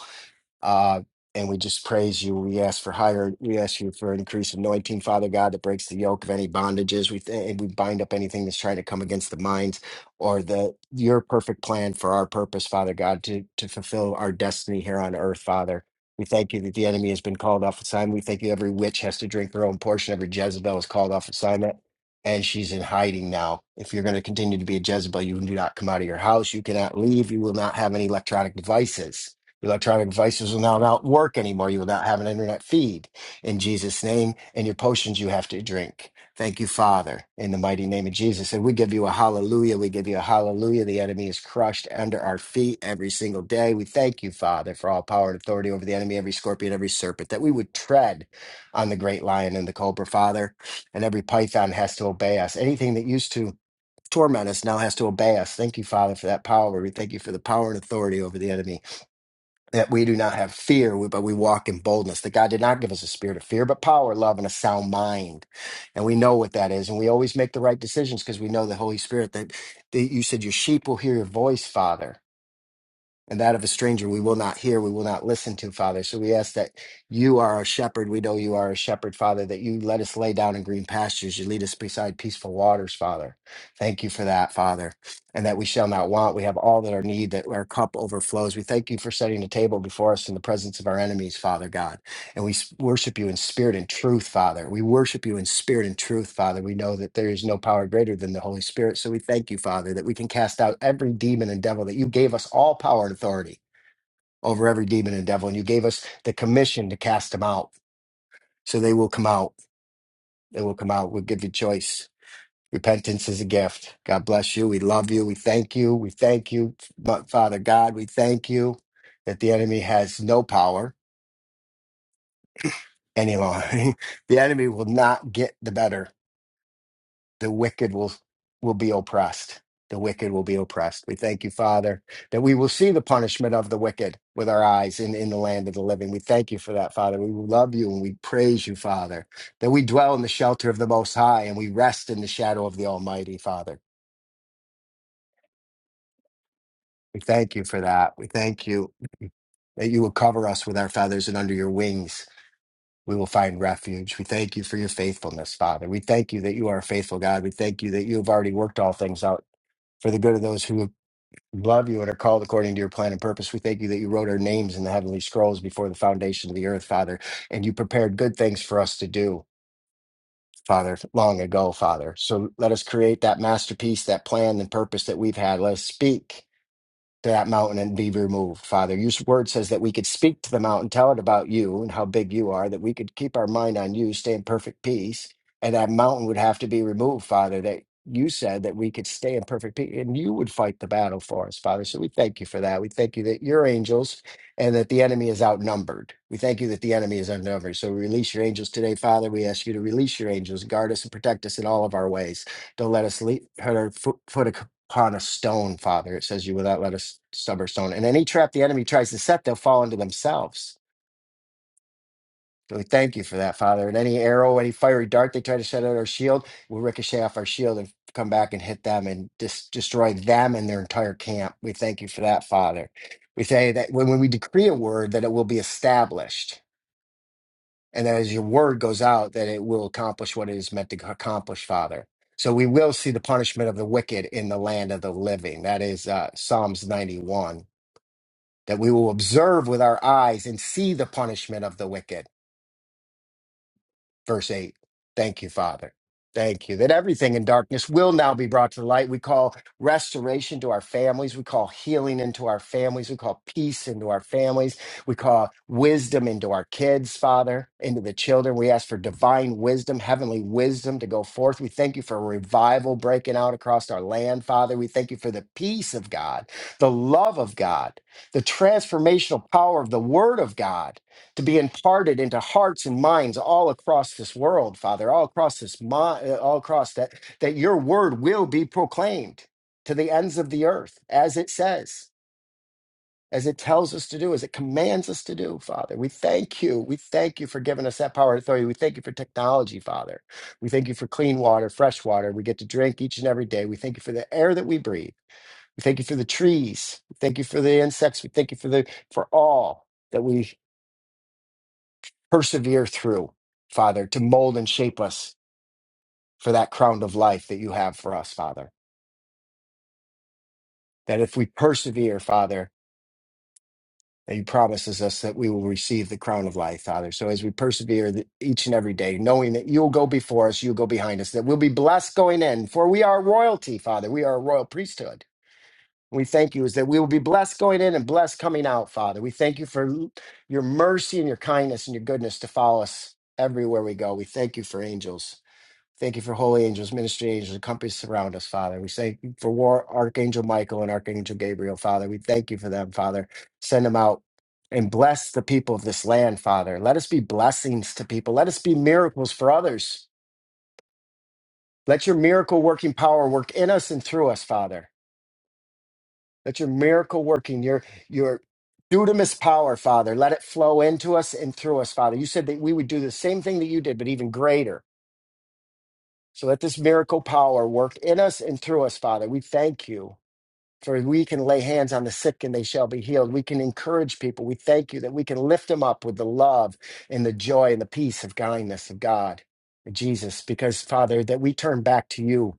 S5: Uh, and we just praise you. We ask for higher, we ask you for an increased anointing, Father God, that breaks the yoke of any bondages. We th- and we bind up anything that's trying to come against the minds or the your perfect plan for our purpose, Father God, to to fulfill our destiny here on earth, Father. We thank you that the enemy has been called off assignment. We thank you every witch has to drink their own portion. Every Jezebel is called off assignment. And she's in hiding now. If you're going to continue to be a Jezebel, you do not come out of your house. You cannot leave. You will not have any electronic devices electronic devices will now not work anymore. You will not have an internet feed in Jesus' name, and your potions you have to drink. Thank you, Father, in the mighty name of Jesus. And we give you a hallelujah. We give you a hallelujah. The enemy is crushed under our feet every single day. We thank you, Father, for all power and authority over the enemy, every scorpion, every serpent, that we would tread on the great lion and the cobra, Father, and every python has to obey us. Anything that used to torment us now has to obey us. Thank you, Father, for that power. We thank you for the power and authority over the enemy that we do not have fear, we- but we walk in boldness. That God did not give us a spirit of fear, but power, love, and a sound mind. And we know what that is. And we always make the right decisions because we know the Holy Spirit that, that you said, Your sheep will hear your voice, Father and that of a stranger we will not hear, we will not listen to, Father. So we ask that you are our shepherd. We know you are a shepherd, Father, that you let us lay down in green pastures. You lead us beside peaceful waters, Father. Thank you for that, Father, and that we shall not want. We have all that our need, that our cup overflows. We thank you for setting a table before us in the presence of our enemies, Father God. And we s- worship you in spirit and truth, Father. We worship you in spirit and truth, Father. We know that there is no power greater than the Holy Spirit. So we thank you, Father, that we can cast out every demon and devil, that you gave us all power and authority over every demon and devil. And you gave us the commission to cast them out. So they will come out. They will come out. We'll give you choice. Repentance is a gift. God bless you. We love you. We thank you. We thank you, Fa- Father God. We thank you that the enemy has no power any longer. the enemy will not get the better the wicked will will be oppressed the wicked will be oppressed we thank you father that we will see the punishment of the wicked with our eyes in, in the land of the living we thank you for that father we love you and we praise you father that we dwell in the shelter of the most high and we rest in the shadow of the almighty father we thank you for that we thank you that you will cover us with our feathers and under your wings we will find refuge. We thank you for your faithfulness, Father. We thank you that you are a faithful God. We thank you that you have already worked all things out for the good of those who Love you and are called according to your plan and purpose. We thank you that you wrote our names in the heavenly scrolls before the foundation of the earth, Father, and you prepared good things for us to do, Father, long ago, Father. So let us create that masterpiece, that plan and purpose that we've had. Let us speak to that mountain and be removed, Father. Your word says that we could speak to the mountain, tell it about you and how big you are, that we could keep our mind on you, stay in perfect peace, and that mountain would have to be removed, Father, that you said that we could stay in perfect peace and you would fight the battle for us, Father. So we thank you for that. We thank you that your angels and that the enemy is outnumbered. We thank you that the enemy is outnumbered. So we release your angels today, Father. We ask you to release your angels, guard us and protect us in all of our ways. Don't let us leave, put our foot, foot upon a stone, Father. It says, You will not let us stumble stone. And any trap the enemy tries to set, they'll fall into themselves. So we thank you for that, Father. And any arrow, any fiery dart they try to set at our shield, we'll ricochet off our shield and come back and hit them and dis- destroy them and their entire camp. We thank you for that, Father. We say that when, when we decree a word, that it will be established and that as your word goes out, that it will accomplish what it is meant to accomplish, Father. So we will see the punishment of the wicked in the land of the living. That is uh, Psalms 91, that we will observe with our eyes and see the punishment of the wicked verse 8. Thank you, Father. Thank you that everything in darkness will now be brought to light. We call restoration to our families. We call healing into our families. We call peace into our families. We call wisdom into our kids, Father, into the children. We ask for divine wisdom, heavenly wisdom to go forth. We thank you for revival breaking out across our land, Father. We thank you for the peace of God, the love of God, the transformational power of the Word of God to be imparted into hearts and minds all across this world, Father, all across this, mi- uh, all across that, that your word will be proclaimed to the ends of the earth, as it says, as it tells us to do, as it commands us to do, Father. We thank you. We thank you for giving us that power and authority. We thank you for technology, Father. We thank you for clean water, fresh water we get to drink each and every day. We thank you for the air that we breathe. We thank you for the trees. We thank you for the insects. We thank you for the for all that we persevere through, Father, to mold and shape us for that crown of life that you have for us, Father. That if we persevere, Father, that you promises us that we will receive the crown of life, Father. So as we persevere th- each and every day, knowing that you'll go before us, you'll go behind us, that we'll be blessed going in, for we are royalty, Father. We are a royal priesthood. We thank you is that we will be blessed going in and blessed coming out, Father. We thank you for l- your mercy and your kindness and your goodness to follow us everywhere we go. We thank you for angels. Thank you for holy angels, ministry angels, and companies surround us, Father. We say for war, Archangel Michael and Archangel Gabriel, Father. We thank you for them, Father. Send them out and bless the people of this land, Father. Let us be blessings to people. Let us be miracles for others. Let your miracle working power work in us and through us, Father. Let your miracle working, your your dudamus power, Father, let it flow into us and through us, Father. You said that we would do the same thing that you did, but even greater. So let this miracle power work in us and through us, Father. We thank you for we can lay hands on the sick and they shall be healed. We can encourage people. We thank you that we can lift them up with the love and the joy and the peace of kindness of God, Jesus, because Father, that we turn back to you,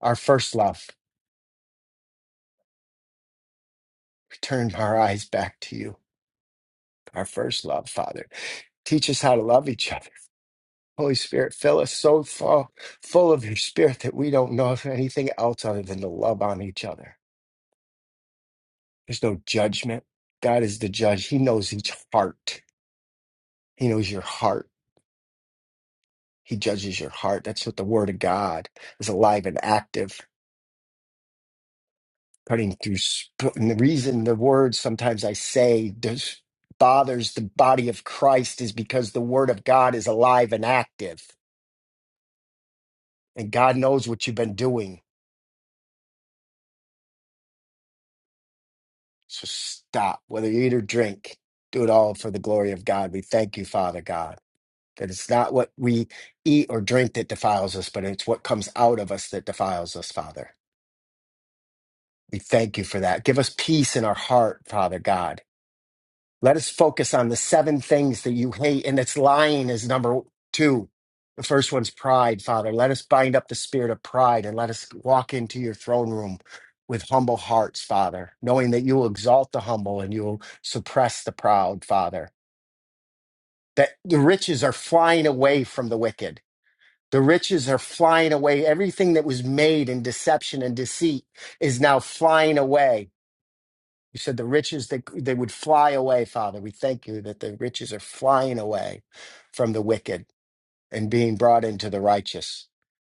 S5: our first love. We turn our eyes back to you, our first love, Father. Teach us how to love each other. Holy Spirit, fill us so full, full of your spirit that we don't know of anything else other than to love on each other. There's no judgment. God is the judge. He knows each heart. He knows your heart. He judges your heart. That's what the word of God is alive and active, cutting through. sp- And the reason the word sometimes I say this bothers the body of Christ is because the word of God is alive and active, and God knows what you've been doing. So stop, whether you eat or drink, do it all for the glory of God. We thank you, Father God. That it's not what we eat or drink that defiles us, but it's what comes out of us that defiles us, Father. We thank you for that. Give us peace in our heart, Father God. Let us focus on the seven things that you hate, and it's lying is number two. The first one's pride, Father. Let us bind up the spirit of pride and let us walk into your throne room with humble hearts, Father, knowing that you will exalt the humble and you will suppress the proud, Father. That the riches are flying away from the wicked The riches are flying away. Everything that was made in deception and deceit is now flying away. You said the riches that they would fly away, Father. We thank you that the riches are flying away from the wicked and being brought into the righteous,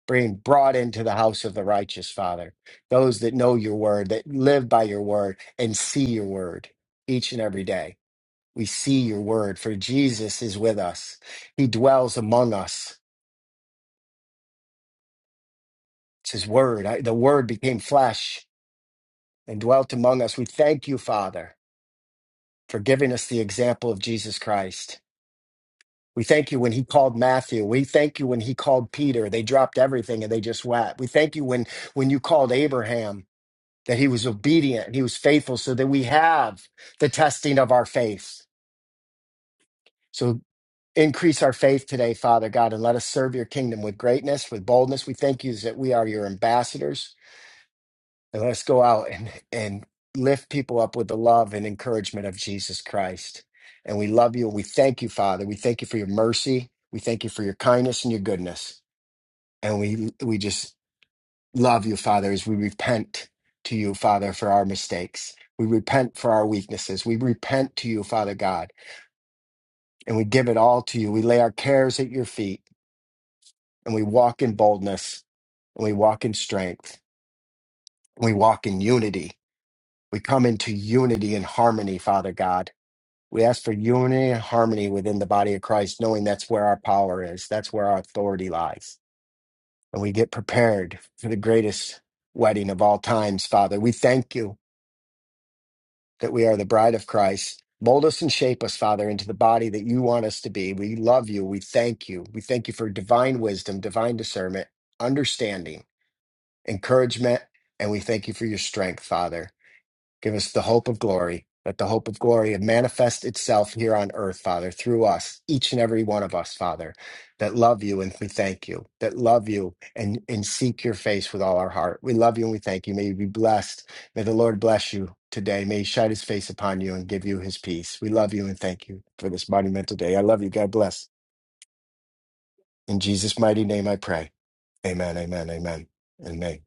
S5: being brought into the house of the righteous, Father. Those that know your word, that live by your word and see your word each and every day. We see your word, for Jesus is with us. He dwells among us. It's his word. I, the word became flesh and dwelt among us. We thank you, Father, for giving us the example of Jesus Christ. We thank you when he called Matthew. We thank you when he called Peter. They dropped everything and they just went. We thank you when, when you called Abraham that he was obedient and he was faithful so that we have the testing of our faith. So increase our faith today, Father God, and let us serve your kingdom with greatness, with boldness. We thank you that we are your ambassadors. And let's go out and, and lift people up with the love and encouragement of Jesus Christ. And we love you. We thank you, Father. We thank you for your mercy. We thank you for your kindness and your goodness. And we we just love you, Father, as we repent to you, Father, for our mistakes. We repent for our weaknesses. We repent to you, Father God, and we give it all to you. We lay our cares at your feet and we walk in boldness and we walk in strength and we walk in unity We come into unity and harmony, Father God. We ask for unity and harmony within the body of Christ, knowing that's where our power is, that's where our authority lies. And we get prepared for the greatest wedding of all times, Father. We thank you that we are the bride of Christ. Mold us and shape us, Father, into the body that you want us to be. We love you. We thank you. We thank you for divine wisdom, divine discernment, understanding, encouragement, and we thank you for your strength, Father. Give us the hope of glory, that the hope of glory manifest itself here on earth, Father, through us, each and every one of us, Father, that love you and we thank you, that love you and, and seek your face with all our heart. We love you and we thank you. May you be blessed. May the Lord bless you today. May he shine his face upon you and give you his peace. We love you and thank you for this monumental day. I love you. God bless. In Jesus' mighty name I pray. Amen, amen, amen, and amen.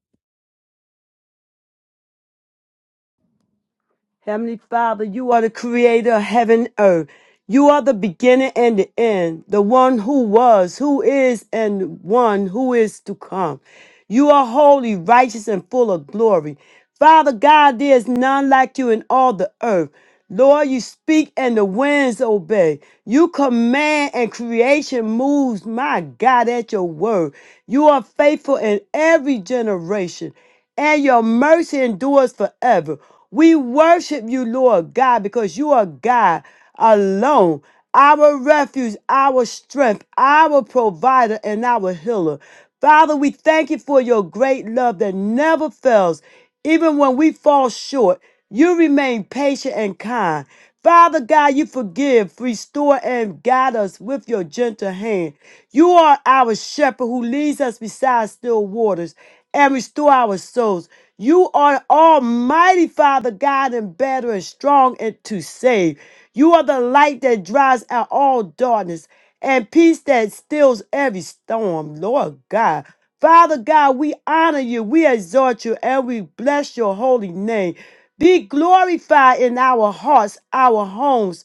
S1: Heavenly Father, you are the creator of heaven and earth. You are the beginning and the end, the one who was, who is, and one who is to come. You are holy, righteous, and full of glory. Father God, there is none like you in all the earth. Lord, you speak and the winds obey. You command and creation moves, my God, at your word. You are faithful in every generation and your mercy endures forever. We worship you, Lord God, because you are God alone, our refuge, our strength, our provider, and our healer. Father, we thank you for your great love that never fails. Even when we fall short, you remain patient and kind. Father God, you forgive, restore, and guide us with your gentle hand. You are our shepherd who leads us beside still waters and restore our souls. You are Almighty Father, God, and better and strong and to save. You are the light that drives out all darkness and peace that stills every storm, Lord God. Father God, we honor you, we exalt you, and we bless your holy name. Be glorified in our hearts, our homes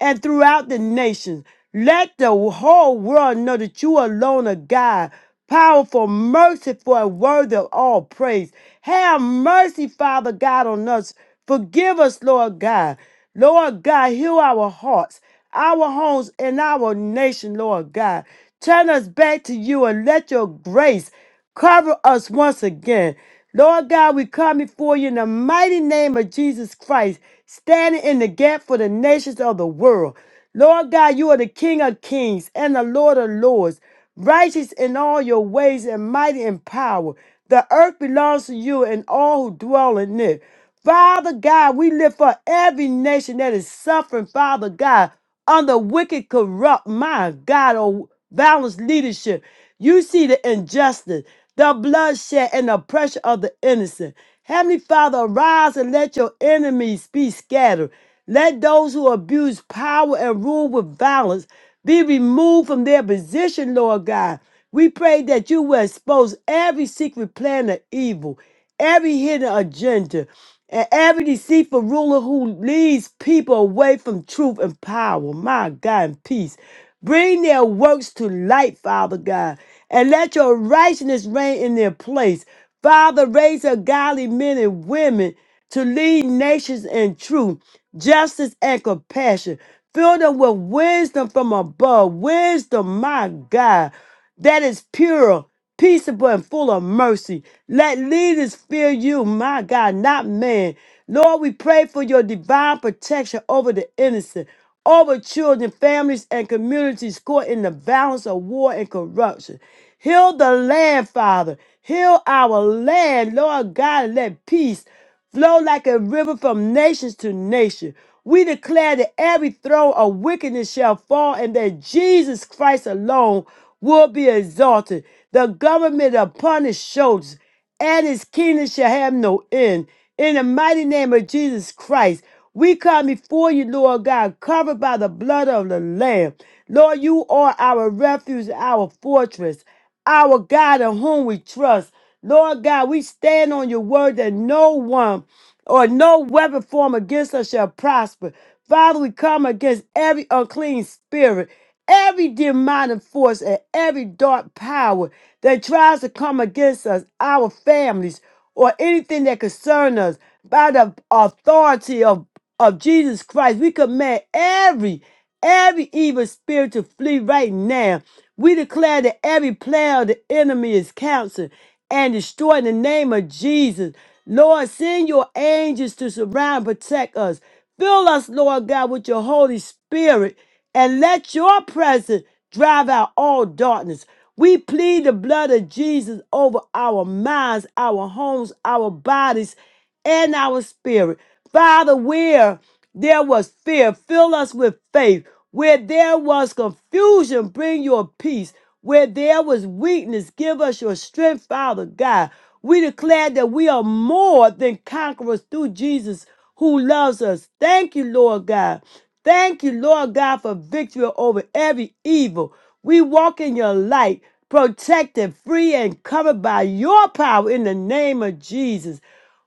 S1: and throughout the nations. Let the whole world know that you alone are God, powerful, merciful, and worthy of all praise. Have mercy, Father God, on us. Forgive us, Lord God. Lord God, heal our hearts, our homes, and our nation, Lord God. Turn us back to you and let your grace Cover us once again. Lord God, we come before you in the mighty name of Jesus Christ, standing in the gap for the nations of the world. Lord God, you are the King of kings and the Lord of lords, righteous in all your ways and mighty in power. The earth belongs to you and all who dwell in it. Father God, we lift for every nation that is suffering, Father God, under wicked, corrupt, my God, oh, balanced leadership. You see the injustice, the bloodshed, and the pressure of the innocent. Heavenly Father, arise and let your enemies be scattered. Let those who abuse power and rule with violence be removed from their position, Lord God. We pray that you will expose every secret plan of evil, every hidden agenda, and every deceitful ruler who leads people away from truth and power. My God, and peace. Bring their works to light, Father God, and let your righteousness reign in their place. Father, raise up godly men and women to lead nations in truth, justice, and compassion. Fill them with wisdom from above. Wisdom, my God, that is pure, peaceable, and full of mercy. Let leaders fear you, my God, not man. Lord, we pray for your divine protection over the innocent. Over children, families, and communities caught in the violence of war and corruption. Heal the land, Father. Heal our land, Lord God. and Let peace flow like a river from nations to nation. We declare that every throne of wickedness shall fall and that Jesus Christ alone will be exalted. The government upon his shoulders and his kingdom shall have no end. In the mighty name of Jesus Christ, we come before you, Lord God, covered by the blood of the Lamb. Lord, you are our refuge, our fortress, our God in whom we trust. Lord God, we stand on your word that no one or no weapon formed against us shall prosper. Father, we come against every unclean spirit, every demonic force, and every dark power that tries to come against us, our families, or anything that concerns us. By the authority of, of Jesus Christ, we command every Every evil spirit to flee right now. We declare that every plan of the enemy is canceled and destroyed in the name of Jesus. Lord, send your angels to surround and protect us. Fill us, Lord God, with your Holy Spirit and let your presence drive out all darkness. We plead the blood of Jesus over our minds, our homes, our bodies, and our spirit. Father, where there was fear, fill us with faith. Where there was confusion, bring your peace. Where there was weakness, give us your strength, Father God. We declare that we are more than conquerors through Jesus who loves us. Thank you, Lord God. Thank you, Lord God, for victory over every evil. We walk in your light, protected, free, and covered by your power in the name of Jesus.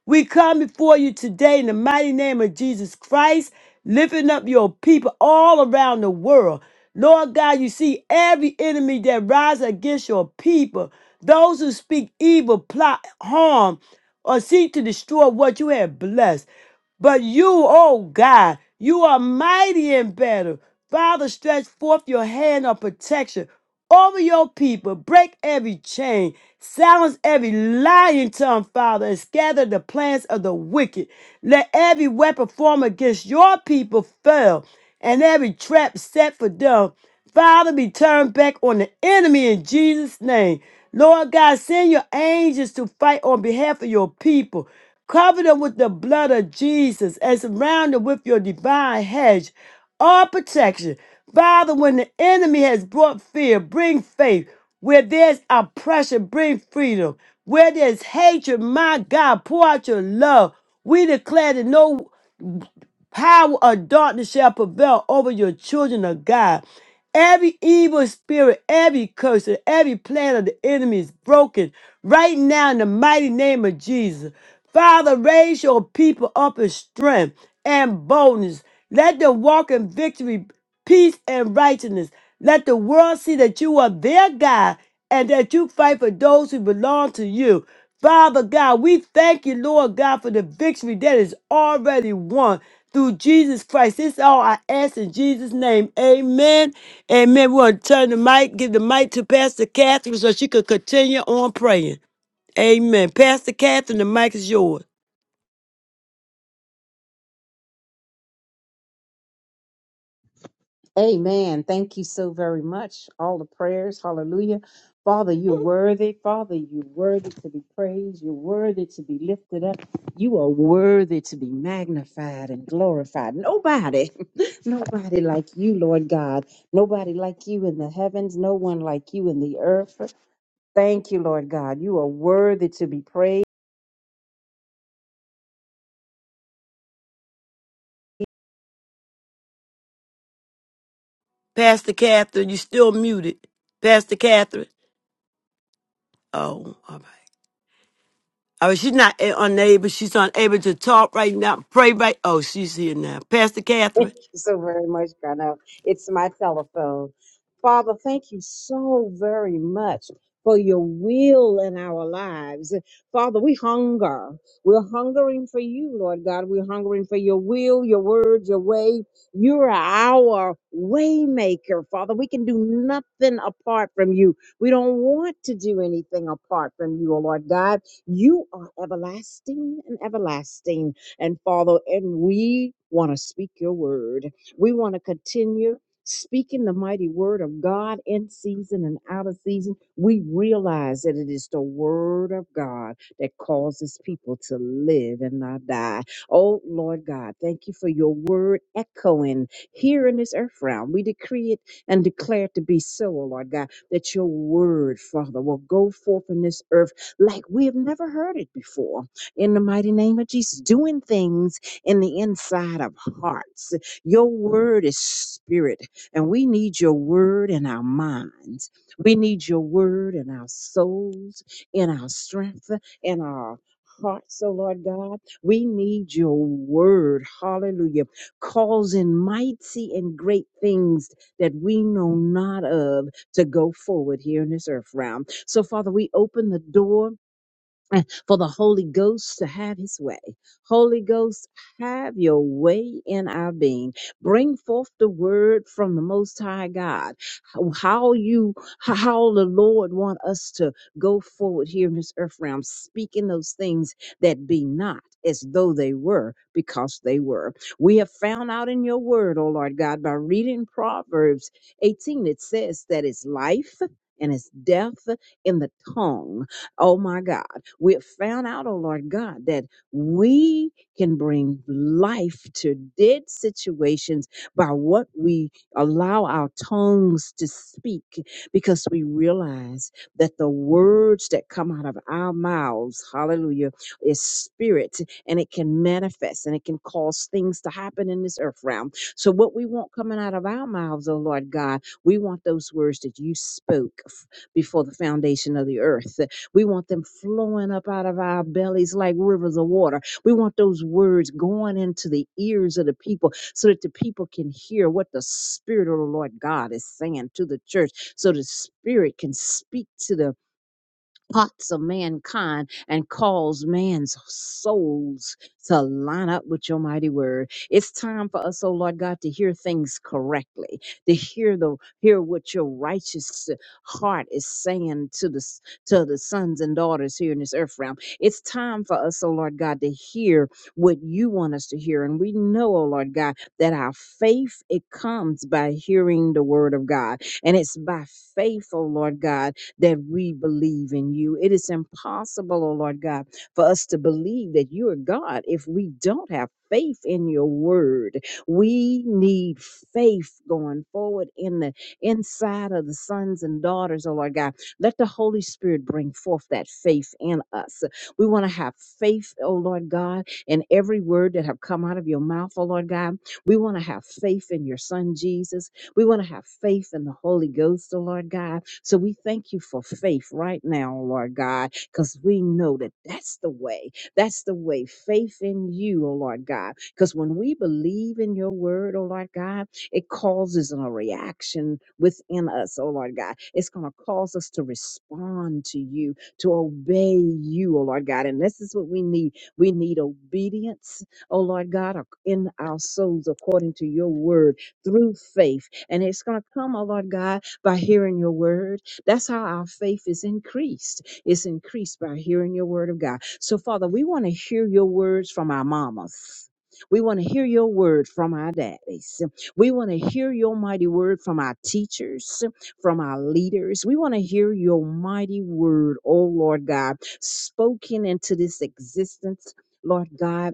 S1: We come before you today in the mighty name of Jesus Christ, lifting up your people all around the world. Lord God, you see every enemy that rises against your people, those who speak evil, plot harm, or seek to destroy what you have blessed. But you, oh God, you are mighty in battle. Father, stretch forth your hand of protection over your people. Break every chain, silence every lying tongue, Father, and scatter the plans of the wicked. Let every weapon formed against your people fail, and every trap set for them, Father, be turned back on the enemy in Jesus' name. Lord God, send your angels to fight on behalf of your people. Cover them with the blood of Jesus and surround them with your divine hedge all protection. Father, when the enemy has brought fear, bring faith. Where there's oppression, bring freedom. Where there's hatred, my God, pour out your love. We declare that no power of darkness shall prevail over your children of God. Every evil spirit, every curse, and every plan of the enemy is broken right now in the mighty name of Jesus. Father, raise your people up in strength and boldness. Let them walk in victory peace, and righteousness. Let the world see that you are their God and that you fight for those who belong to you. Father God, we thank you, Lord God, for the victory that is already won through Jesus Christ. This all I ask in Jesus' name. Amen. Amen. We want to turn the mic, give the mic to Pastor Catherine so she could continue on praying. Amen. Pastor Catherine, the mic is yours.
S6: Amen. Thank you so very much. All the prayers. Hallelujah. Father, you're worthy. Father, you're worthy to be praised. You're worthy to be lifted up. You are worthy to be magnified and glorified. Nobody, nobody like you, Lord God. Nobody like you in the heavens. No one like you in the earth. Thank you, Lord God. You are worthy to be praised.
S1: Pastor Catherine, you still muted. Pastor Catherine. Oh, all right. Oh, she's not a- unable. She's unable to talk right now. Pray right. Oh, she's here now. Pastor Catherine.
S6: Thank you so very much, Carnell. It's my telephone. Father, thank you so very much for your will in our lives. Father, we hunger. We're hungering for you, Lord God. We're hungering for your will, your word, your way. You're our waymaker, Father. We can do nothing apart from you. We don't want to do anything apart from you, oh Lord God. You are everlasting and everlasting. And Father, and we want to speak your word. We want to continue speaking the mighty word of God in season and out of season. We realize that it is the word of God that causes people to live and not die. Oh, Lord God, thank you for your word echoing here in this earth realm. We decree it and declare it to be so, oh Lord God, that your word, Father, will go forth in this earth like we have never heard it before in the mighty name of Jesus, doing things in the inside of hearts. Your word is spirit, and we need your word in our minds. We need your word in our souls, in our strength, in our hearts, oh Lord God. We need your word, hallelujah, causing mighty and great things that we know not of to go forward here in this earth realm. So, Father, we open the door eh, for the Holy Ghost to have his way. Holy Ghost, have your way in our being. Bring forth the word from the Most High God. How how you, how the Lord want us to go forward here in this earth realm, speaking those things that be not as though they were, because they were. We have found out in your word, O Lord God, by reading Proverbs 18, it says that it's life and it's death in the tongue. Oh my God. We have found out, oh Lord God, that we can bring life to dead situations by what we allow our tongues to speak because we realize that the words that come out of our mouths, hallelujah, is spirit and it can manifest and it can cause things to happen in this earth realm. So, what we want coming out of our mouths, oh Lord God, we want those words that you spoke f- before the foundation of the earth. We want them flowing up out of our bellies like rivers of water. We want those words going into the ears of the people so that the people can hear what the Spirit of the Lord God is saying to the church, so the Spirit can speak to the parts of mankind and cause man's souls to line up with your mighty word. It's time for us, oh Lord God, to hear things correctly, to hear the hear what your righteous heart is saying to the s- to the sons and daughters here in this earth realm. It's time for us, oh Lord God, to hear what you want us to hear. And we know, oh Lord God, that our faith it comes by hearing the word of God. And it's by faith, oh Lord God, that we believe in you. It is impossible, oh Lord God, for us to believe that you are God if we don't have faith in your word. We need faith going forward in the inside of the sons and daughters, oh Lord God. Let the Holy Spirit bring forth that faith in us. We want to have faith, oh Lord God, in every word that have come out of your mouth, oh Lord God. We want to have faith in your son Jesus. We want to have faith in the Holy Ghost, oh Lord God. So we thank you for faith right now, oh Lord God, because we know that that's the way. That's the way. Faith in you, oh Lord God. Because when we believe in your word, oh Lord God, it causes a reaction within us, oh Lord God. It's going to cause us to respond to you, to obey you, oh Lord God. And this is what we need. We need obedience, oh Lord God, ac- in our souls according to your word through faith and it's going to come, oh Lord God, by hearing your word. That's how our faith is increased. It's increased by hearing your word of God. So, Father, we want to hear your words from our mamas. We want to hear your word from our daddies. We want to hear your mighty word from our teachers, from our leaders. We want to hear your mighty word, oh Lord God, spoken into this existence, Lord God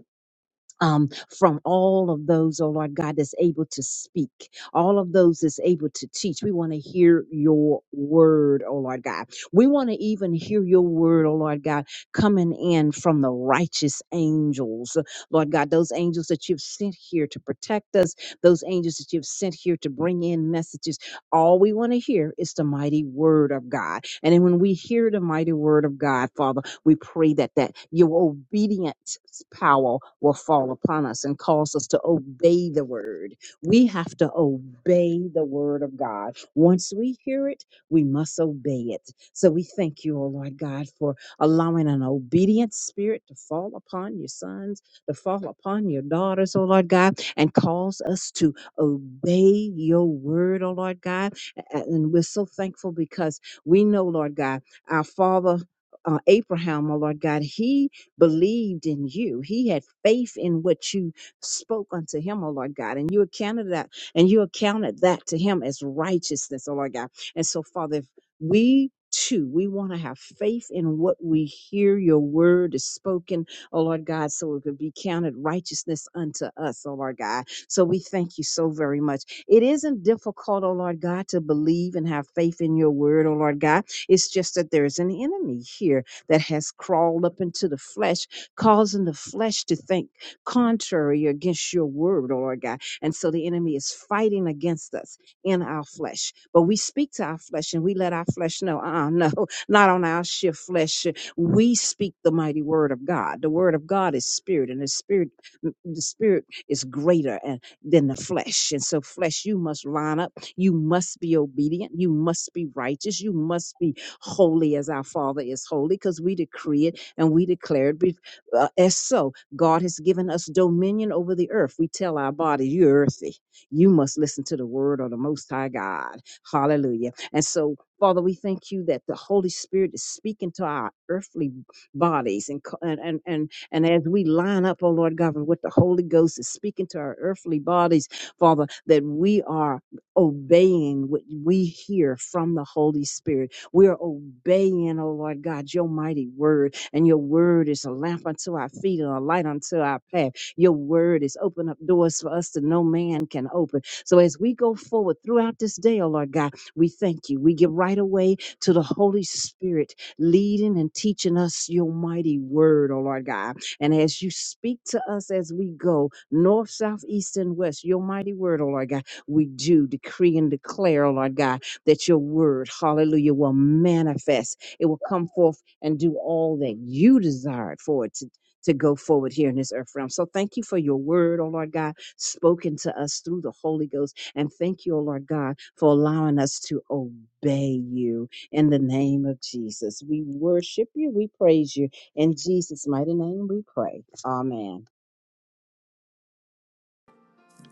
S6: um, from all of those, oh Lord God, that's able to speak, all of those that's able to teach. We want to hear your word, oh Lord God. We want to even hear your word, oh Lord God, coming in from the righteous angels, Lord God, those angels that you've sent here to protect us, those angels that you've sent here to bring in messages. All we want to hear is the mighty word of God. And then when we hear the mighty word of God, Father, we pray that that your obedience power will fall upon us and cause us to obey the word. We have to obey the word of God. Once we hear it, we must obey it. So we thank you, O Lord God, for allowing an obedient spirit to fall upon your sons, to fall upon your daughters, O Lord God, and cause us to obey your word, O Lord God. A- And we're so thankful because we know, Lord God, our Father uh, Abraham, oh Lord God, he believed in you. He had faith in what you spoke unto him, oh Lord God, and you accounted that, and you accounted that to him as righteousness, oh Lord God. And so, Father, if we too, we want to have faith in what we hear your word is spoken, oh Lord God, so it could be counted righteousness unto us, oh Lord God. So we thank you so very much. It isn't difficult, oh Lord God, to believe and have faith in your word, oh Lord God. It's just that there's an enemy here that has crawled up into the flesh, causing the flesh to think contrary against your word, oh Lord God. And so the enemy is fighting against us in our flesh. But we speak to our flesh and we let our flesh know, uh uh no, not on our shift flesh. We speak the mighty word of God. The word of God is spirit, and the spirit, mm, the spirit is greater than the flesh. And so, flesh, you must line up. You must be obedient. You must be righteous. You must be holy as our Father is holy because we decree it and we declare it be- uh, as so. God has given us dominion over the earth. We tell our body, you're earthy. You must listen to the word of the Most High God. Hallelujah. And so, Father, we thank you that the Holy Spirit is speaking to our earthly bodies and, co- and, and, and and as we line up, oh Lord God, with what the Holy Ghost is speaking to our earthly bodies, Father, that we are obeying what we hear from the Holy Spirit. We are obeying, oh Lord God, your mighty word. And your word is a lamp unto our feet and a light unto our path. Your word is open up doors for us that no man can open. So as we go forward throughout this day, oh Lord God, we thank you. We give right away to the Holy Spirit leading and teaching us your mighty word, oh Lord God. And as you speak to us as we go, north, south, east, and west, your mighty word, oh Lord God, we do decree and declare, oh Lord God, that your word, hallelujah, will manifest. It will come forth and do all that you desired for it to. To go forward here in this earth realm. So thank you for your word, oh Lord God, spoken to us through the Holy Ghost. And thank you, oh Lord God, for allowing us to obey you in the name of Jesus. We worship you. We praise you. In Jesus' mighty name we pray. Amen.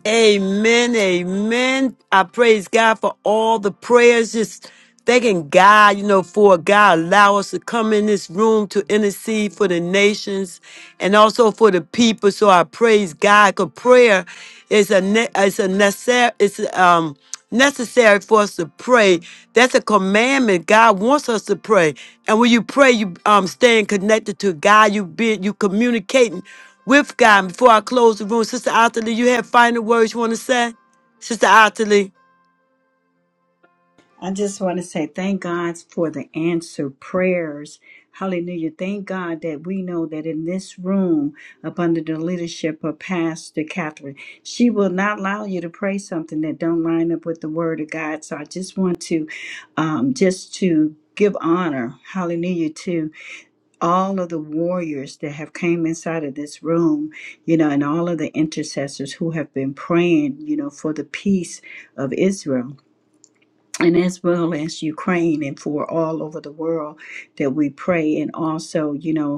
S1: Amen. Amen. I praise God for all the prayers. Just thanking God, you know, for God allow us to come in this room to intercede for the nations and also for the people. So I praise God. Cause prayer is a ne- is a necessary. It's um necessary for us to pray. That's a commandment. God wants us to pray. And when you pray, you um staying connected to God. You be you communicating with God. Before I close the room, Sister Atherley, you have final words you want to say? Sister Atherley.
S3: I just want to say thank God for the answered prayers. Hallelujah. Thank God that we know that in this room, up under the leadership of Pastor Catherine, she will not allow you to pray something that don't line up with the word of God. So I just want to um, just to give honor, hallelujah, to all of the warriors that have came inside of this room, you know, and all of the intercessors who have been praying, you know, for the peace of Israel and as well as Ukraine and for all over the world that we pray. And also, you know,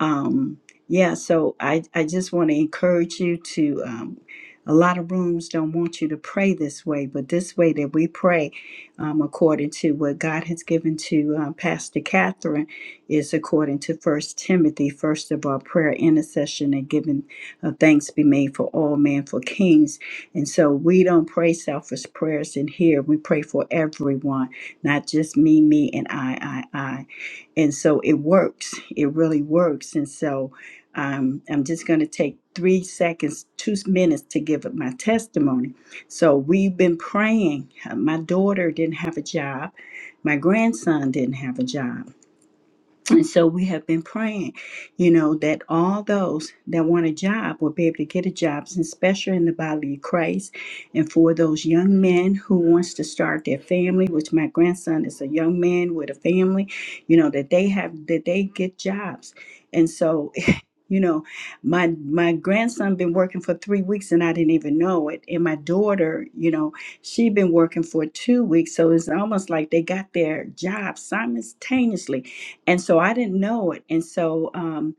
S3: um yeah so i i just want to encourage you to um a lot of rooms don't want you to pray this way but this way that we pray um, according to what god has given to um, pastor catherine is according to first timothy first of all prayer intercession and giving uh, thanks be made for all men for kings and so we don't pray selfish prayers in here we pray for everyone not just me me and i i i and so it works it really works and so um, i'm just going to take three seconds two minutes to give up my testimony so we've been praying Uh, my daughter didn't have a job my grandson didn't have a job and so we have been praying, you know, that all those that want a job will be able to get a job, especially in the body of Christ. And for those young men who wants to start their family, which my grandson is a young man with a family, you know, that they have that they get jobs. And so you know, my my grandson been working for three weeks and I didn't even know it. And my daughter, you know, she been working for two weeks. So it's almost like they got their jobs simultaneously. And so I didn't know it. And so um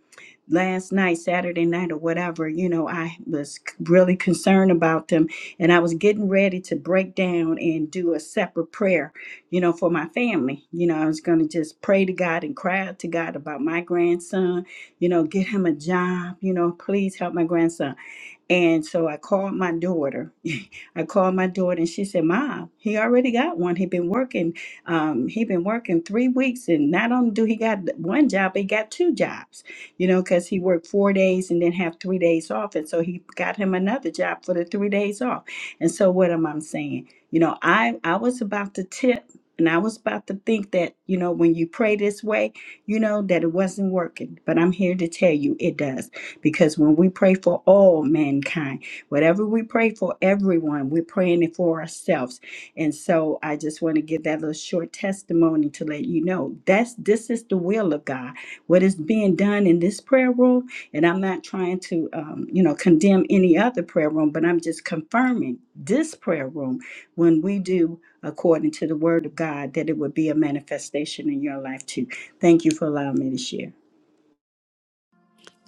S3: last night, Saturday night, or whatever, you know, I was c- really concerned about them. And I was getting ready to break down and do a separate prayer, you know, for my family. You know, I was going to just pray to God and cry out to God about my grandson, you know, get him a job, you know, please help my grandson. And so I called my daughter. I called my daughter, and she said, "Mom, he already got one. He been working. Um, he been working three weeks, and not only do he got one job, he got two jobs. You know, because he worked four days and then have three days off, and so he got him another job for the three days off. And so what am I saying? You know, I I was about to tip." And I was about to think that, you know, when you pray this way, you know, that it wasn't working. But I'm here to tell you it does. Because when we pray for all mankind, whatever we pray for everyone, we're praying it for ourselves. And so I just want to give that little short testimony to let you know that's this is the will of God. What is being done in this prayer room, and I'm not trying to um, you know condemn any other prayer room, but I'm just confirming this prayer room when we do according to the word of God that it would be a manifestation in your life too. Thank you for allowing me to share.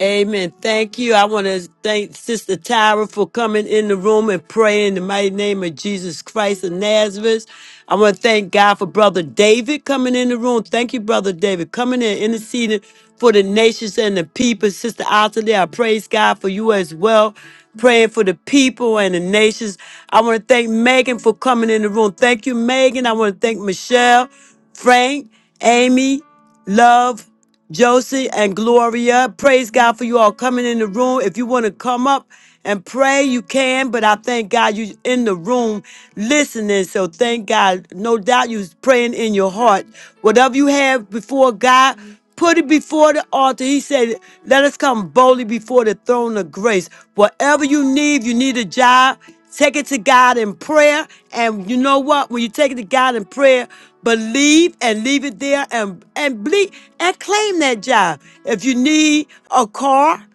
S1: Amen. Thank you. I want to thank Sister Tyra for coming in the room and praying in the mighty name of Jesus Christ of Nazareth. I want to thank God for Brother David coming in the room. Thank you, Brother David, coming in, interceding for the nations and the people. Sister Ottilie, I praise God for you as well, praying for the people and the nations. I want to thank Megan for coming in the room. Thank you, Megan. I want to thank Michelle, Frank, Amy, Love. Josie and Gloria. Praise God for you all coming in the room. If you want to come up and pray, you can, but I thank God you are in the room listening. So thank God. No doubt you are praying in your heart. Whatever you have before God, put it before the altar. He said, Let us come boldly before the throne of grace. Whatever you need, you need a job. Take it to God in prayer. And you know what? When you take it to God in prayer, Believe and leave it there and, and bleed and claim that job. If you need a car,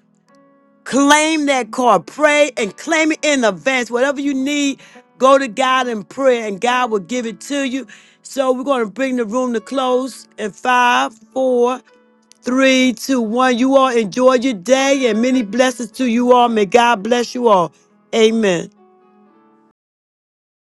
S1: claim that car. Pray and claim it in advance. Whatever you need, go to God in prayer and God will give it to you. So we're going to bring the room to close in five, four, three, two, one. You all enjoy your day and many blessings to you all. May God bless you all. Amen.